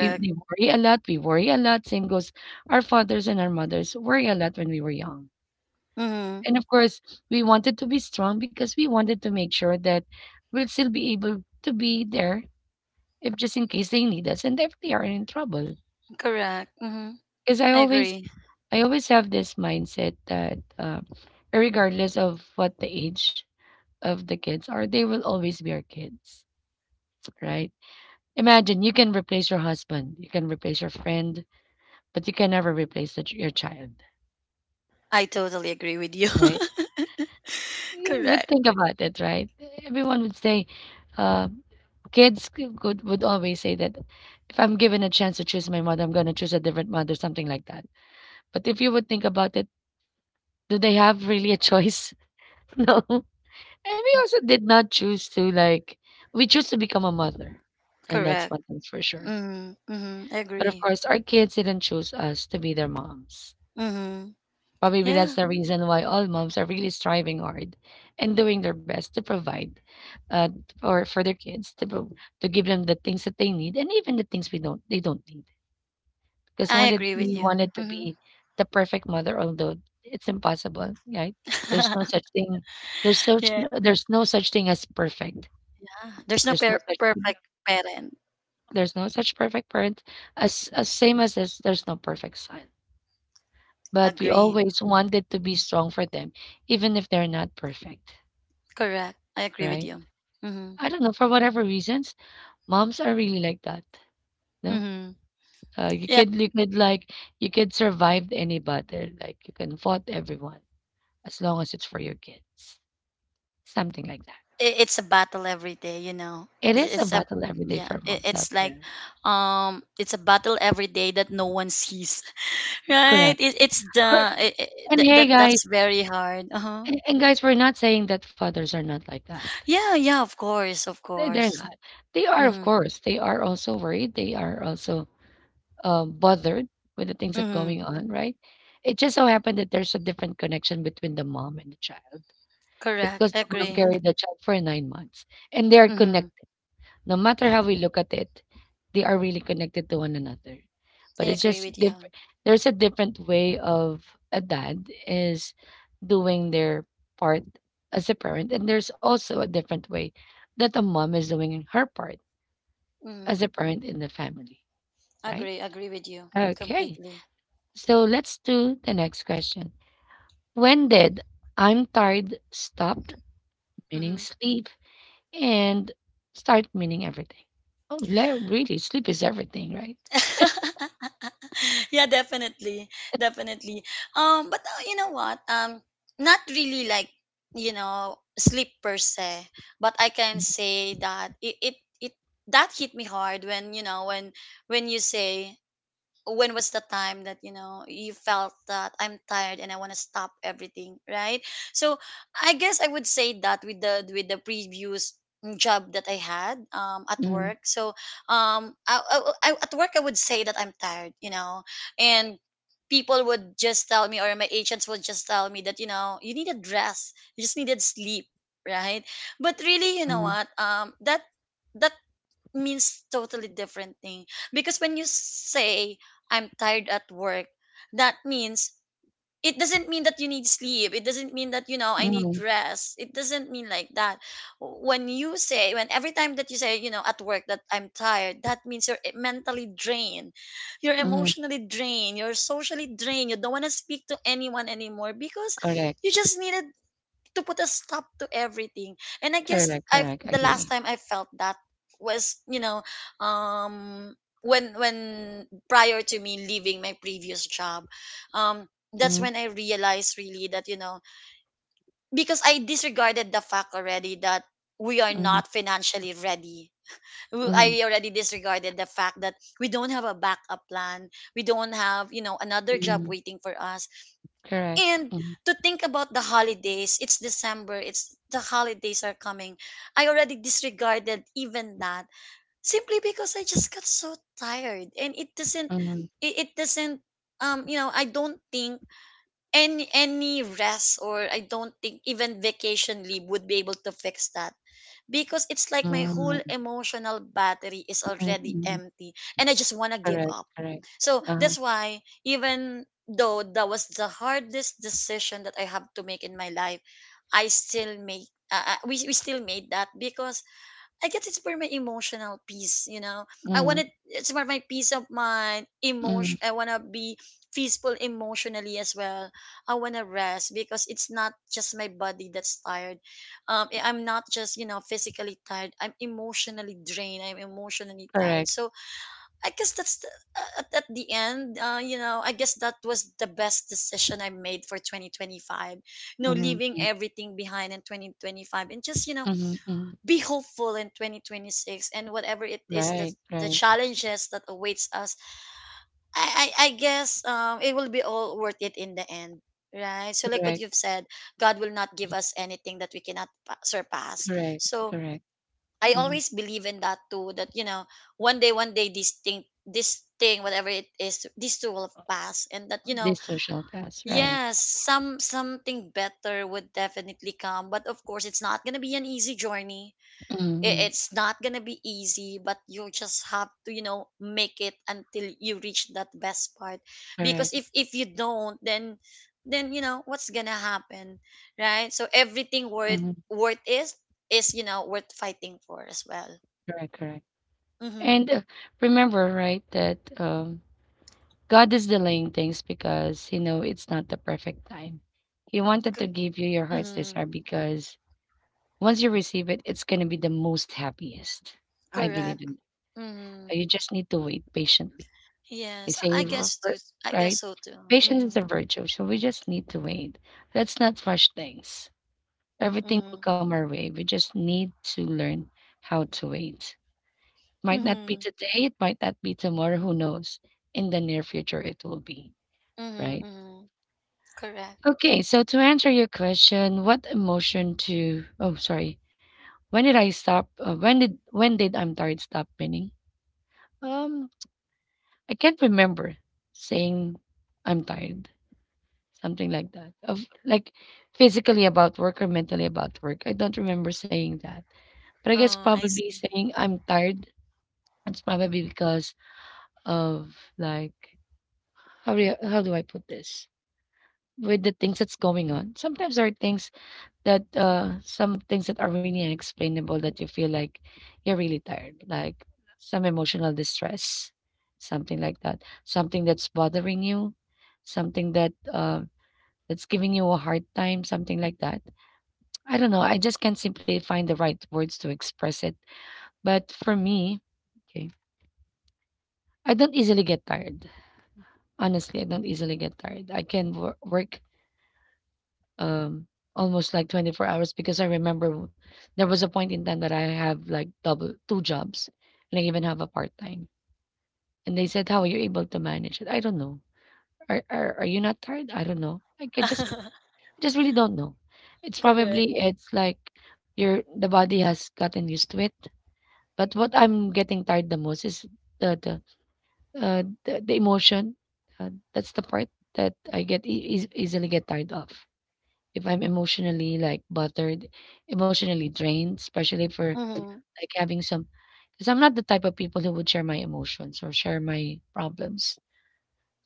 We they worry a lot, we worry a lot. Same goes, our fathers and our mothers worry a lot when we were young, Mm-hmm. and of course, we wanted to be strong because we wanted to make sure that we'll still be able to be there if just in case they need us and if they are in trouble. Correct. Mm-hmm. Because I agree. I always have this mindset that regardless of what the age of the kids are, they will always be our kids, right? Imagine you can replace your husband, you can replace your friend, but you can never replace your child, I totally agree with you. right? You would Correct. think about it, right? Everyone would say, uh, kids c- could would always say that if I'm given a chance to choose my mother, I'm gonna choose a different mother, something like that. But if you would think about it, do they have really a choice? No. And we also did not choose to like, we choose to become a mother. And that's Correct. one thing's for sure. Mm-hmm. Mm-hmm. I But of agree. course our kids didn't choose us to be their moms. Mm-hmm. But maybe that's Yeah, the reason why all moms are really striving hard and doing their best to provide uh, for their kids to to give them the things that they need and even the things we don't they don't need. 'Cause I wanted agree with we you. wanted to Mm-hmm. be the perfect mother, although it's impossible, right? There's no such thing, there's such Yeah. there's no such thing as perfect. There's no There's no per- such perfect parent. there's no such perfect parent, as same as this, there's no perfect son. But we Agree. always wanted to be strong for them, even if they're not perfect, Correct. I agree with right? you. Mm-hmm. I don't know, for whatever reasons, moms are really like that, no? Mm-hmm. You Yeah. could you could survive any battle, like you can fight everyone, as long as it's for your kids. Something like that. It's a battle every day. It is a It's a battle every day yeah. for It, moms out it's like there. It's a battle every day that no one sees. Right? Correct. It, it's the Or- it, it, and that hey, that- guys, That's very hard. Uh-huh. And guys, we're not saying that fathers are not like that. Yeah, yeah, of course, of They're course. not. They are, of Mhm. course. They are also worried. They are also bothered with the things that Mhm. going on, right? It just so happened that there's a different connection between the mom and the child Correct. because the mom Agree. carried the child for 9 months and they're Mhm. connected. No matter how we look at it, they are really connected to one another. I But it's agree with just you. different. There's a different way of a dad is doing their part as a parent, and there's also a different way that a mom is doing her part Mhm. as a parent in the family, right? Agree, agree with you Okay, completely. so let's do the next question. When did I'm tired stopped meaning Mhm. sleep and start meaning everything? Oh, really, sleep is everything, right? Yeah, definitely. Definitely. But you know what? Not really, like, you know, sleep per se, but I can say that it that hit me hard when, you know, when you say, when was the time that, you know, you felt that I'm tired and I want to stop everything, right? So I guess I would say that with the previous job that I had, at Mm, work, so at work I would say that I'm tired, you know, and people would just tell me, or my agents would just tell me that, you know, you need a dress, you just needed sleep, right? But really, you know mm, what, that means totally different thing, because when you say I'm tired at work, that means, it doesn't mean that you need sleep, it doesn't mean that, you know, I need mm, rest, it doesn't mean like that. When you say when every time that you say, you know, at work, that I'm tired, that means you're mentally drained, you're mm, emotionally drained, you're socially drained, you don't want to speak to anyone anymore, because correct, you just needed to put a stop to everything. And I guess correct, I correct, the last agree. time I felt that was, you know, um when prior to me leaving my previous job. Um that's Mm, when I realized really that, you know, because I disregarded the fact already that we are mm, not financially ready. Mm, I already disregarded the fact that we don't have a backup plan. We don't have, you know, another job mm, waiting for us. correct, And mm, to think about the holidays, it's December, it's the holidays are coming. I already disregarded even that, simply because I just got so tired, and it doesn't mm, it doesn't you know, I don't think any rest, or I don't think even vacation leave would be able to fix that, because it's like my mm, whole emotional battery is mm, already mm, empty, and I just want to give correct, up. correct, So uh, that's why, even though that was the hardest decision that I have to make in my life, I still make. We still made that because I guess it's for my emotional peace, you know. I mm, wanted it's for my peace of mind, mm, emotion. I wanna be peaceful emotionally as well. I wanna rest because it's not just my body that's tired. I'm not just, you know, physically tired. I'm emotionally drained. I'm emotionally tired. correct, So I guess that's the, at the end, you know, I guess that was the best decision I made for 2025. You know, mm, leaving mm, everything behind in 2025 and just, you know, mm, mm, be hopeful in 2026 and whatever it is that, right, the right, challenges that awaits us. I guess, it will be all worth it in the end. Right. So, like what correct, you've said, God will not give us anything that we cannot surpass. correct, So, correct, I mm, always believe in that too. That, you know, one day, this thing, whatever it is, this too will pass, and that, you know, this social class, right, yes, something better would definitely come. But of course, it's not gonna be an easy journey. mm, It's not gonna be easy, but you just have to, you know, make it until you reach that best part. Because correct, if you don't, then you know what's gonna happen, right? So everything worth, mm, is you know, worth fighting for as well. correct, correct. Mm-hmm. And remember, right, that God is delaying things because you know it's not the perfect time. He wanted to give you your heart's Mm-hmm. desire because once you receive it, it's gonna be the most happiest. I believe Correct. in Mm-hmm. that. You just need to wait patiently. They Yes, I say, guess too. I guess right? so too. Patience is a Mm-hmm. virtue, so we just need to wait. Let's not rush things. Everything will Mm-hmm. come our way. We just need to learn how to wait. Might not be Mm-hmm. today, it might not be tomorrow, who knows? In the near future, it will be, Mm-hmm. right? Mm-hmm. Correct. Okay, so to answer your question, what emotion to oh sorry. When did I'm tired stop meaning? Um I can't remember saying I'm tired. Something like that. Of like physically about work or mentally about work. I don't remember saying that. But I guess Oh, I probably see. saying I'm tired. It's probably because of like how do you, how do I put this? With the things that's going on. Sometimes there are things that some things that are really unexplainable that you feel like you're really tired like some emotional distress something like that something that's bothering you something that that's giving you a hard time something like that. I don't know, I just can't simply find the right words to express it. But for me, okay, I don't easily get tired. Honestly, I don't easily get tired. I can work um, almost like 24 hours because I remember there was a point in time that I have like double two jobs and I even have a part time. And they said, "How are you able to manage it?" I don't know. Are you not tired? I don't know. Like I just just really don't know. It's Correct. probably it's like your the body has gotten used to it. But what I'm getting tired the most is the the emotion. That's the part that I get easily get tired of. If I'm emotionally, like, buttered, emotionally drained, especially for, Mm-hmm. like, having some, because 'cause I'm not the type of people who would share my emotions or share my problems.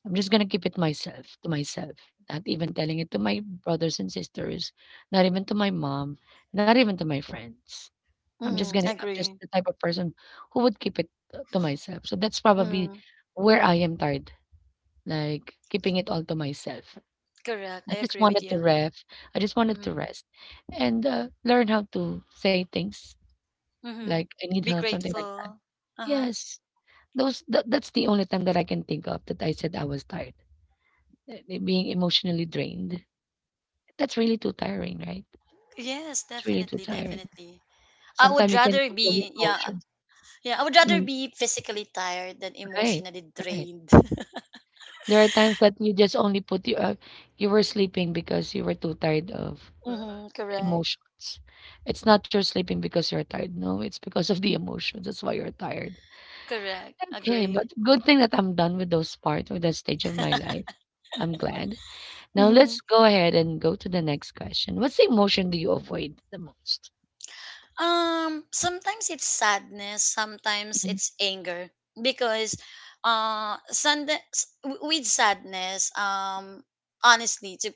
I'm just gonna keep it myself to myself, not even telling it to my brothers and sisters, not even to my mom, not even to my friends. Mm-hmm. I'm just Agree. the type of person who would keep it to myself. So that's probably Mm-hmm. where I am tired, like, keeping it all to myself. I Correct. I just agree with wanted to you. ref I just wanted to Mm-hmm. rest and, learn how to say things Mm-hmm. like, "I need Be help," something like that. grateful. Uh-huh. Yes, those that that's the only time that I can think of that I said I was tired, being emotionally drained. That's really too tiring, right? Yes, It's really too definitely, tiring. definitely. I Sometimes would you can rather control your be Yeah, emotions. yeah, I would rather Mm, be physically tired than right, emotionally right. drained. There are times that you just only put you you were sleeping because you were too tired of Mm-hmm, correct. emotions. It's not you're sleeping because you're tired. No, it's because of the emotions. That's why you're tired. Correct. Okay, but Agree. good thing that I'm done with those part or that stage of my life. I'm glad. Now Mhm. let's go ahead and go to the next question. What's the emotion do you avoid the most? Sometimes it's sadness, sometimes Mhm, it's anger, because with sadness, honestly,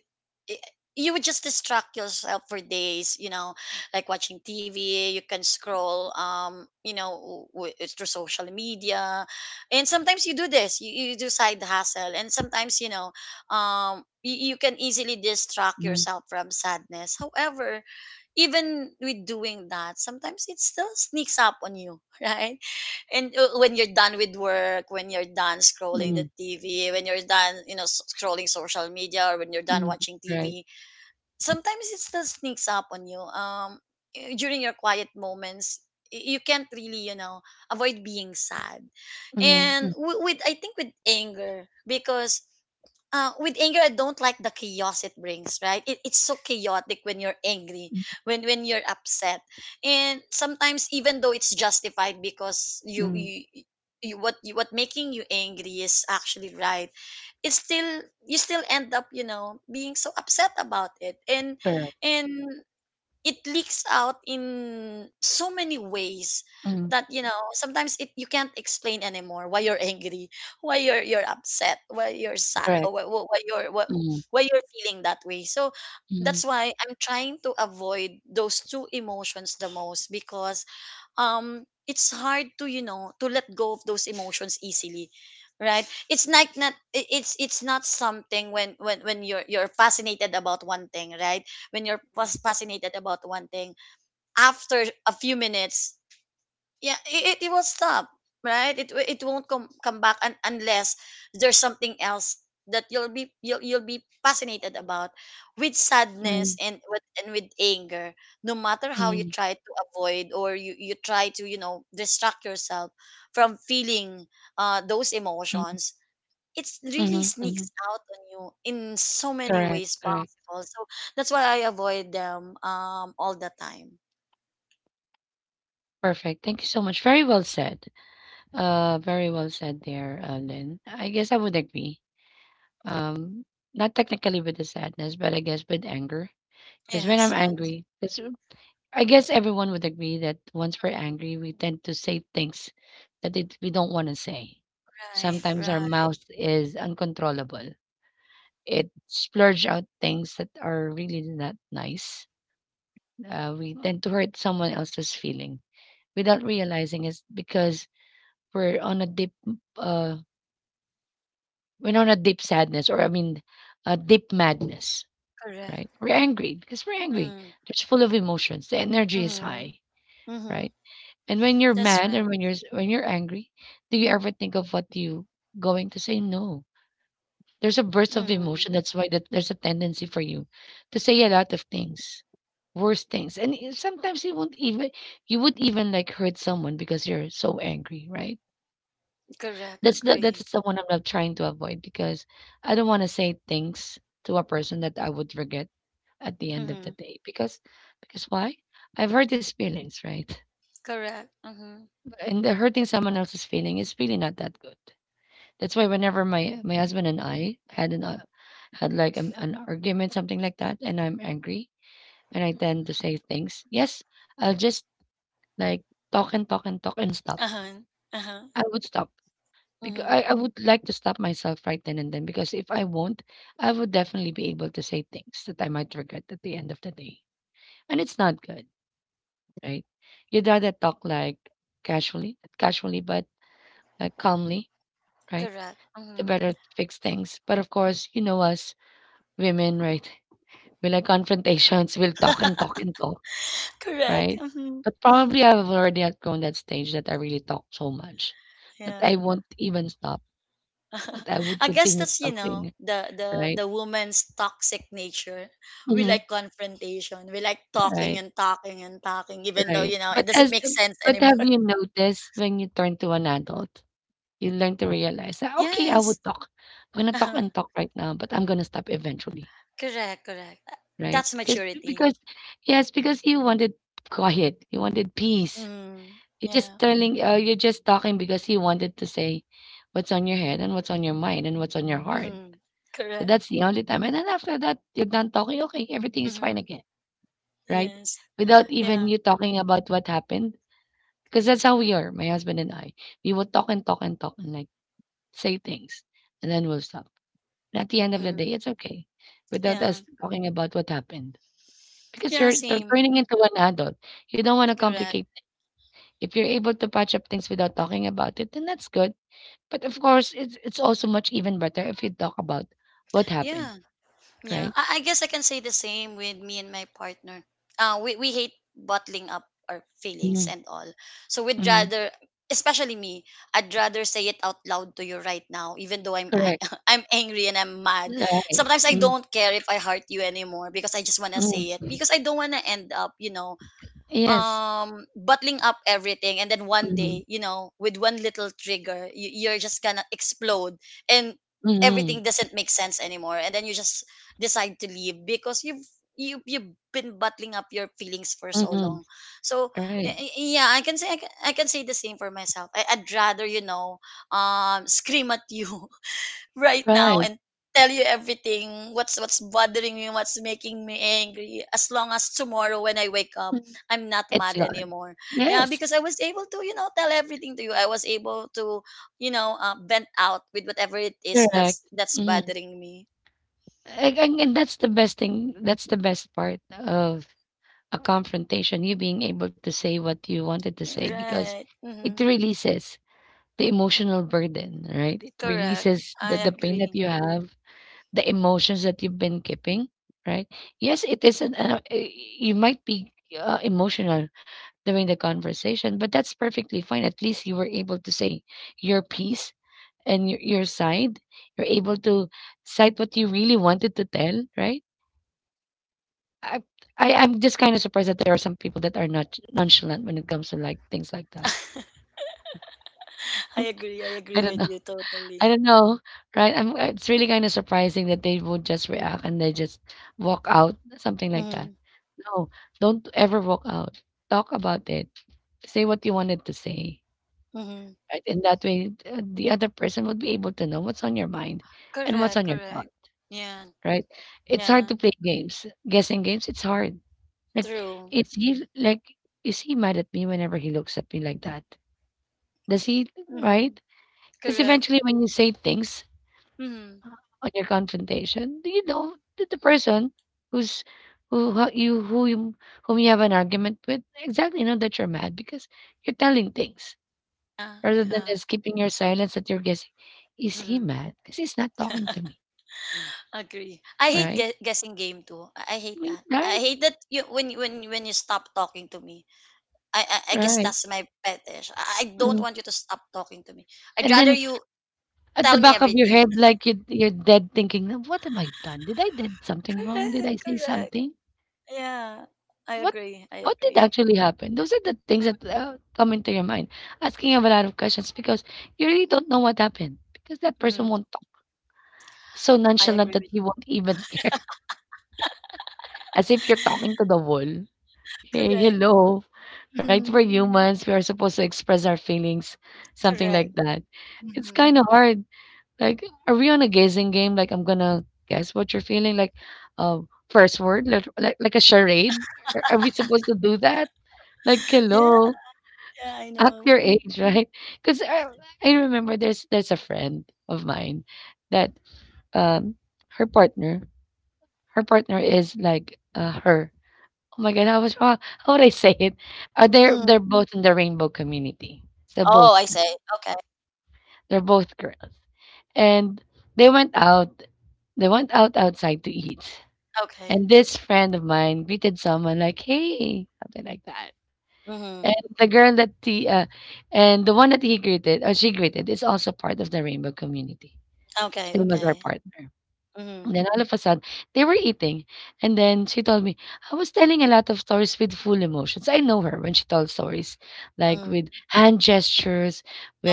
i- you would just distract yourself for days, you know, like watching TV, you can scroll, you know, through social media. And sometimes you do this, you do side hustle, and sometimes, you know, you can easily distract mhm, yourself from sadness. However, even with doing that, sometimes it still sneaks up on you, right? And when you're done with work, when you're done scrolling the mhm, TV, when you're done, you know, scrolling social media, or when you're done mhm, watching right. TV, sometimes it still sneaks up on you. During your quiet moments, you can't really, you know, avoid being sad. Mhm, And mhm, with, I think, with anger, because with anger, I don't like the chaos it brings, right? It's so chaotic when you're angry, when you're upset, and sometimes, even though it's justified, because mhm, you, what making you angry is actually right, it's still, you still end up, you know, being so upset about it, and correct. and it leaks out in so many ways Mhm, that, you know, sometimes it you can't explain anymore why you're angry, why you're upset, why you're sad, correct. Mhm, why you're feeling that way. So mhm, that's why I'm trying to avoid those two emotions the most, because it's hard to, you know, to let go of those emotions easily, right? It's like not i- it's not something, when when you're fascinated about one thing, right? When you're fascinated about one thing, after a few minutes, yeah, it will stop, right? It it won't come back, unless there's something else that you'll be fascinated about. With sadness mhm, and with anger, no matter how you try to avoid, or you try to, you know, distract yourself from feeling, those mhm, emotions, it really mhm, sneaks mhm. out on you in so many Correct, ways correct. possible. So that's why I avoid them, all the time. Perfect. Thank you so much. Very well said. Very well said there, Lynn. I guess I would agree. Um, not technically with the sadness, but I guess with anger. Because when I'm Yes, yeah. angry, because I guess everyone would agree that once we're angry, we tend to say things that it, we don't want to say. Right, Sometimes our right. mouth is uncontrollable. It splurge out things that are really not nice. We tend to hurt someone else's feeling without realizing it's because we're on a deep uh we're on a deep sadness or I mean a deep madness, Correct. right? We're angry because we're angry. Mm, It's full of emotions, the energy is mm-hmm, high, mm-hmm. right? And when you're That's mad right. and when you're angry, do you ever think of what you going to say? No, there's a burst of Mm, emotion. That's why that there's a tendency for you to say a lot of things, worse things, and sometimes you won't even, you would even like hurt someone because you're so angry, right? correct. Agree. That's the one I'm not trying to avoid because I don't wanna say things to a person that I would regret at the end of the Mm-hmm. day, because why? I've hurt his feelings, right? Correct. Mm-hmm. And the hurting someone else's feeling is really not that good. That's why whenever my husband and I had like an argument, something like that, and I'm angry and I tend to say things, yes, I'll just like talk and talk and talk and stop. Uh-huh. Uh-huh. I would stop. Because Hmm. I would like to stop myself right then and then because if I won't, I would definitely be able to say things that I might regret at the end of the day. And it's not good, right? You'd rather talk like casually, casually, but like calmly, right? Correct. To Mm-hmm. better fix things. But of course, you know us women, right? We like confrontations, we'll talk and talk and talk, Correct. right? Mm-hmm. But probably I've already outgrown that stage that I really talk so much that Yeah. I won't even stop, that I would I guess continue that's, you know, talking, the the right? the woman's toxic nature. We Mhm. like confrontation. We like talking Right, and talking and talking, even though, right. you know, it But doesn't as make sense but have anymore. you noticed when you turn to an adult, you learn to realize that, "Okay, I Yes, would talk. I'm gonna talk uh-huh. and talk right now, but I'm gonna stop eventually." Correct, correct. Right? That's maturity. Because yes, because you wanted quiet, you wanted peace. Mm, You're just yeah. telling you're just talking because you wanted to say what's on your head and what's on your mind and what's on your heart. Mm-hmm. So Correct. that's the only time. And then after that, you're done talking, okay, everything is fine Mm-hmm. again, right? Yes. Without even Yeah. you talking about what happened. 'Cause that's how we are, my husband and I. We will talk and talk and talk and, like, say things, and then we'll stop. And at the end of the Mm-hmm. day, it's okay without Yeah. us talking about what happened because Yeah. you're they're Same. turning into an adult. You don't wanna Correct. complicate. If you're able to patch up things without talking about it, then that's good. But, of course, it's also much even better if you talk about what happened, Yeah. Yeah, right? I guess I can say the same with me and my partner. We hate bottling up our feelings Mhm, and all. So we'd mhm, rather, especially me, I'd rather say it out loud to you right now, even though correct. I'm angry and I'm mad. Right. Sometimes I Mm, don't care if I hurt you anymore, because I just wanna say it, mm. because I don't wanna end up, you know, Yes. Bottling up everything, and then one Mhm, day, you know, with one little trigger, you're just gonna explode, and everything mhm, doesn't make sense anymore, and then you just decide to leave because you've been bottling up your feelings for so mhm. long. So Right, yeah, I can say the same for myself. I'd rather, you know, scream at you right now right. and tell you everything, what's, bothering me, what's making me angry, as long as tomorrow when I wake up, Mm. I'm not It's mad gone. anymore. Yeah, Yes. because I was able to, you know, tell everything to you, I was able to, you know, vent out with whatever it is Correct. That's Mhm. bothering me. And that's the best thing, that's the best part of a confrontation, you being able to say what you wanted to say because Right. it Mm-hmm. releases the emotional burden, right? It Correct. releases I the pain that agree. you have, the emotions that you've been keeping, right? Yes, it is an y- you might be emotional during the conversation, but that's perfectly fine. At least you were able to say your piece and your side, you're able to cite what you really wanted to tell, right? I, I i'm just kind of surprised that there are some people that are not nonchalant when it comes to like things like that. I I agree don't with know. you totally. I don't know, right? It's really kind of surprising that they would just react and they just walk out something like that. Mm-hmm. No, don't ever walk out. Talk about it, say what you wanted to say, Mm-hmm. right? In that way, the other person would be able to know what's on your mind and what's Correct, on your thought. correct. Yeah, Right? It's hard yeah, to play games. Guessing games, it's hard. Like, true. it's he like, is he mad at me whenever he looks at me like that? Does he, Mm-hmm. right? Because Correct. eventually, when you say things Mm-hmm. uh, on your confrontation, you know that the person who's who ho- you who you whom you have an argument with exactly know that you're mad because you're telling things Yeah, rather than yeah. just keeping your silence that you're guessing. Is he Mhm. mad? Because he's not talking to me, Agree. I hate right? Guessing game too. I hate that. I Right, hate that, when you stop talking to me. I guess right. that's my fetish. I don't Mm. want you to stop talking to me. I'd And rather then you at the tell me back of your everything. head, like, you're dead thinking, "Now what have I done? Did something wrong? Did Correct. I say Correct. something? Yeah. I What agree. What did actually happen?" Those are the things that come into your mind, asking him a lot of questions because you really don't know what happened because that person Hmm. won't talk. So I agree nonchalant with that he you. won't even care, as if you're talking to the wall. Hey, Correct. hello, right? We're Hmm. humans. We are supposed to express our feelings, something like Correct. that. It's Hmm. kind of hard. Like, are we on a guessing game? Like, I'm gonna guess what you're feeling. Like, uh, first word, like, like a charade. Are we supposed to do that? Like, Yeah. hello, Yeah. I act know. your Mhm. age, right? Because I, I remember there's a friend of mine that um her partner, her partner is like her. Oh my God, how was how would I say it? They're Mm. both in the rainbow community. So Oh, both I say. Okay. they're both girls and they went out. They went out outside to eat. Okay. And this friend of mine greeted someone like, "Hey," something like that. Hmm. And the girl that he, and the one that he greeted or she greeted is also part of the rainbow community, Okay. same as our Okay. partner. Hmm. And then all of a sudden, they were eating, and then she told me, "I was telling a lot of stories with full emotions. I know her when she tells stories, like with hand gestures,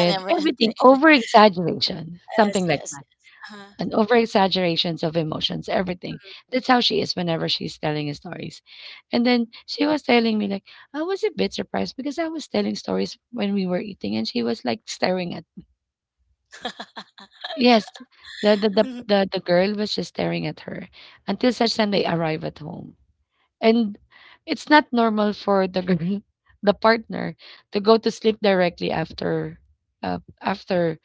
And everything. everything, over exaggeration, Yes, something like yes, that," yes. Uh-huh. and over exaggerations of emotions, everything. That's how she is whenever she's telling his stories. And then she was telling me, like, I was a bit surprised because I was telling stories when we were eating and she was like staring at, yes. The the the Mhm. the, the girl was just staring at her until such time they arrive at home. And it's not normal for the girl, the partner, to go to sleep directly after after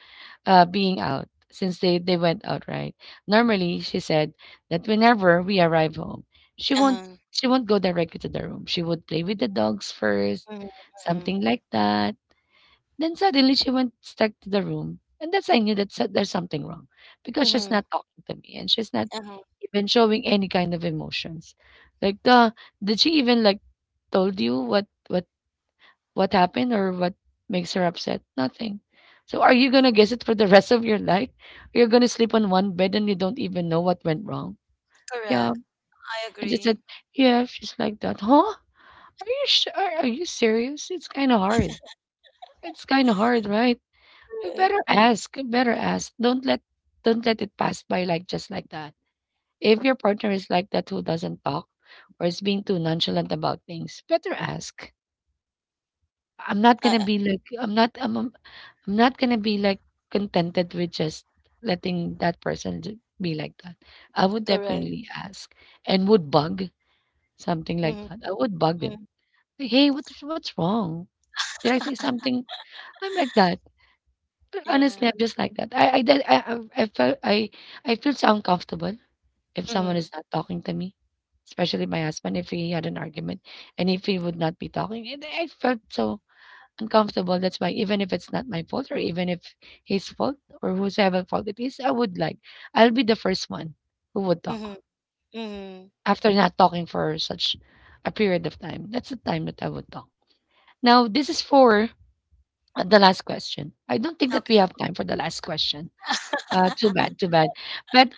being out since they went out, right? Normally, she said that whenever we arrive home, she won't Uh-huh. she won't go directly to the room. She would play with the dogs first, Mhm, mhm, something like that, then suddenly she went back to the room, and that's, I knew that there's something wrong because she's mhm, not talking to me and she's not uh-huh. even showing any kind of emotions. Like, the did she even like told you what happened or what makes her upset? Nothing. So are you gonna guess it for the rest of your life? You're gonna sleep on one bed and you don't even know what went wrong. Yeah. Correct. I And she said, agree. yeah, she's like that. Huh? Are you sure? Are you serious? It's kind of hard. It's kind of hard, right? You Correct. better ask, you better ask. Don't let it pass by like just like that. If your partner is like that who doesn't talk or is being too nonchalant about things, better ask. I'm not Uh, gonna uh, be like I'm not I'm I'm not gonna be like contented with just letting that person be like that. I would correct. definitely ask and would bug, something like Mhm, that. I would bug them. mhm. Like, hey, what's wrong? Did I say something? I'm like that. Yeah. Honestly, I'm just like that. I did I felt I feel so uncomfortable if someone Mm-hmm. is not talking to me, especially my husband. If he had an argument and if he would not be talking, it, I felt so uncomfortable. That's why even if it's not my fault or even if his fault or whosoever fault it is, I would like I'll be the first one who would talk Mm-hmm. Mm-hmm. after not talking for such a period of time. That's the time that I would talk. Now this is for the last question. I don't think that we Okay. have time for the last question. Too bad, too bad. But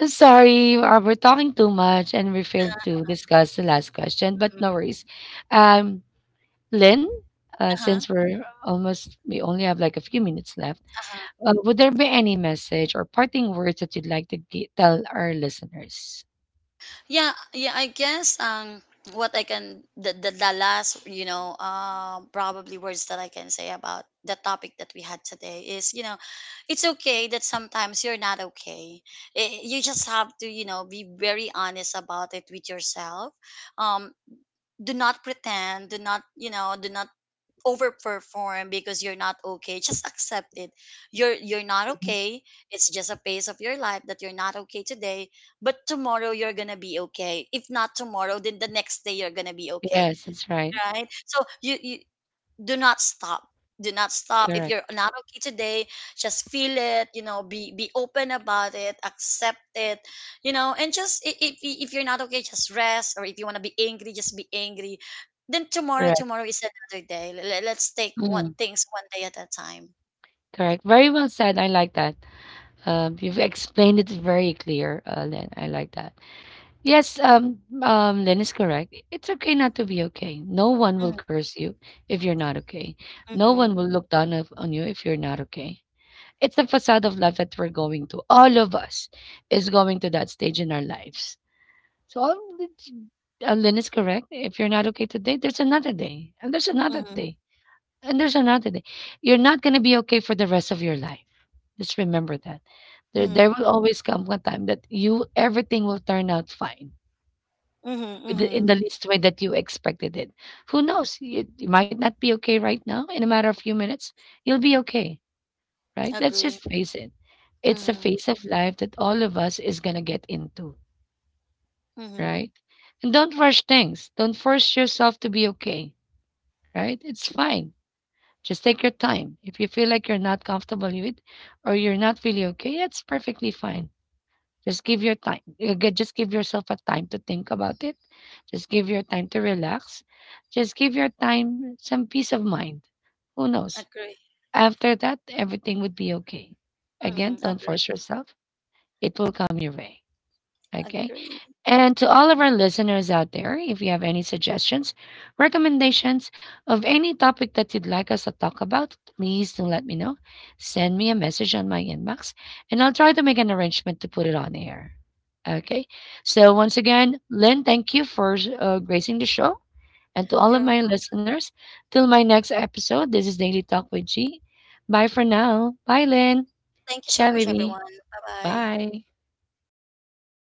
sorry, we're talking too much and we failed to discuss the last question, but Mhm. no worries. Um, Lynn, since we only have like a few minutes left, Uh-huh. Would there be any message or parting words that you'd like to tell our listeners? Yeah, yeah, I guess, what I can the last, you know, probably words that I can say about the topic that we had today is, you know, it's okay that sometimes you're not okay. You just have to, you know, be very honest about it with yourself. Um do not pretend, do not, you know, do not overperform because you're not okay. Just accept it, you're not Mhm. okay. It's just a phase of your life that you're not okay today, but tomorrow you're gonna be okay. If not tomorrow, then the next day you're gonna be okay, Yes, that's right. right? So you do not stop, do not stop if Correct. you're not okay today. Just feel it, you know, be open about it, accept it, you know, and just if you're not okay, just rest, or if you want to be angry, just be angry. Then Correct. tomorrow is another day. Let's take one Mm, things one day at a time. correct. Very well said. I like that. You've explained it very clear, Lynn. I like that. Yes, Lynn is correct. It's okay not to be okay. No one will Mm-hmm, curse you if you're not okay. No one will mm-hmm, look down on you if you're not okay. It's the facade of life that we're going to. All of us is going to that stage in our lives. So, it's- Lynn is correct. If you're not okay today, there's another day, and there's another day, mm-hmm, and there's another day. You're not going to be okay for the rest of your life. Just remember that. There will always come one time that you everything will turn out fine mm-hmm, with the in mm-hmm. the least way that you expected it. Who knows? It, you might not be okay right now. In a matter of few minutes, you'll be okay, right? Let's just Agree. face it. It's a Mm-hmm, phase of life that all of us is gonna get into, mm-hmm. right? And don't rush things. Don't force yourself to be okay, right? It's fine. Just take your time. If you feel like you're not comfortable with it or you're not really okay, that's perfectly fine. Just give your time. Just give yourself a time to think about it. Just give your time to relax. Just give your time some peace of mind. Who knows? Agree. After that, everything would be okay. Again, Mm-hmm, don't agree. force yourself. It will come your way. Okay? Agree. And to all of our listeners out there, if you have any suggestions, recommendations of any topic that you'd like us to talk about, please do let me know. Send me a message on my inbox and I'll try to make an arrangement to put it on air. Okay. So, once again, Lynn, thank you for gracing the show. And to all You're of my welcome. listeners, till my next episode, this is Daily Talk with G. Bye for now. Bye, Lynn. Thank you so Ciao, much, everyone. baby. Bye bye Bye.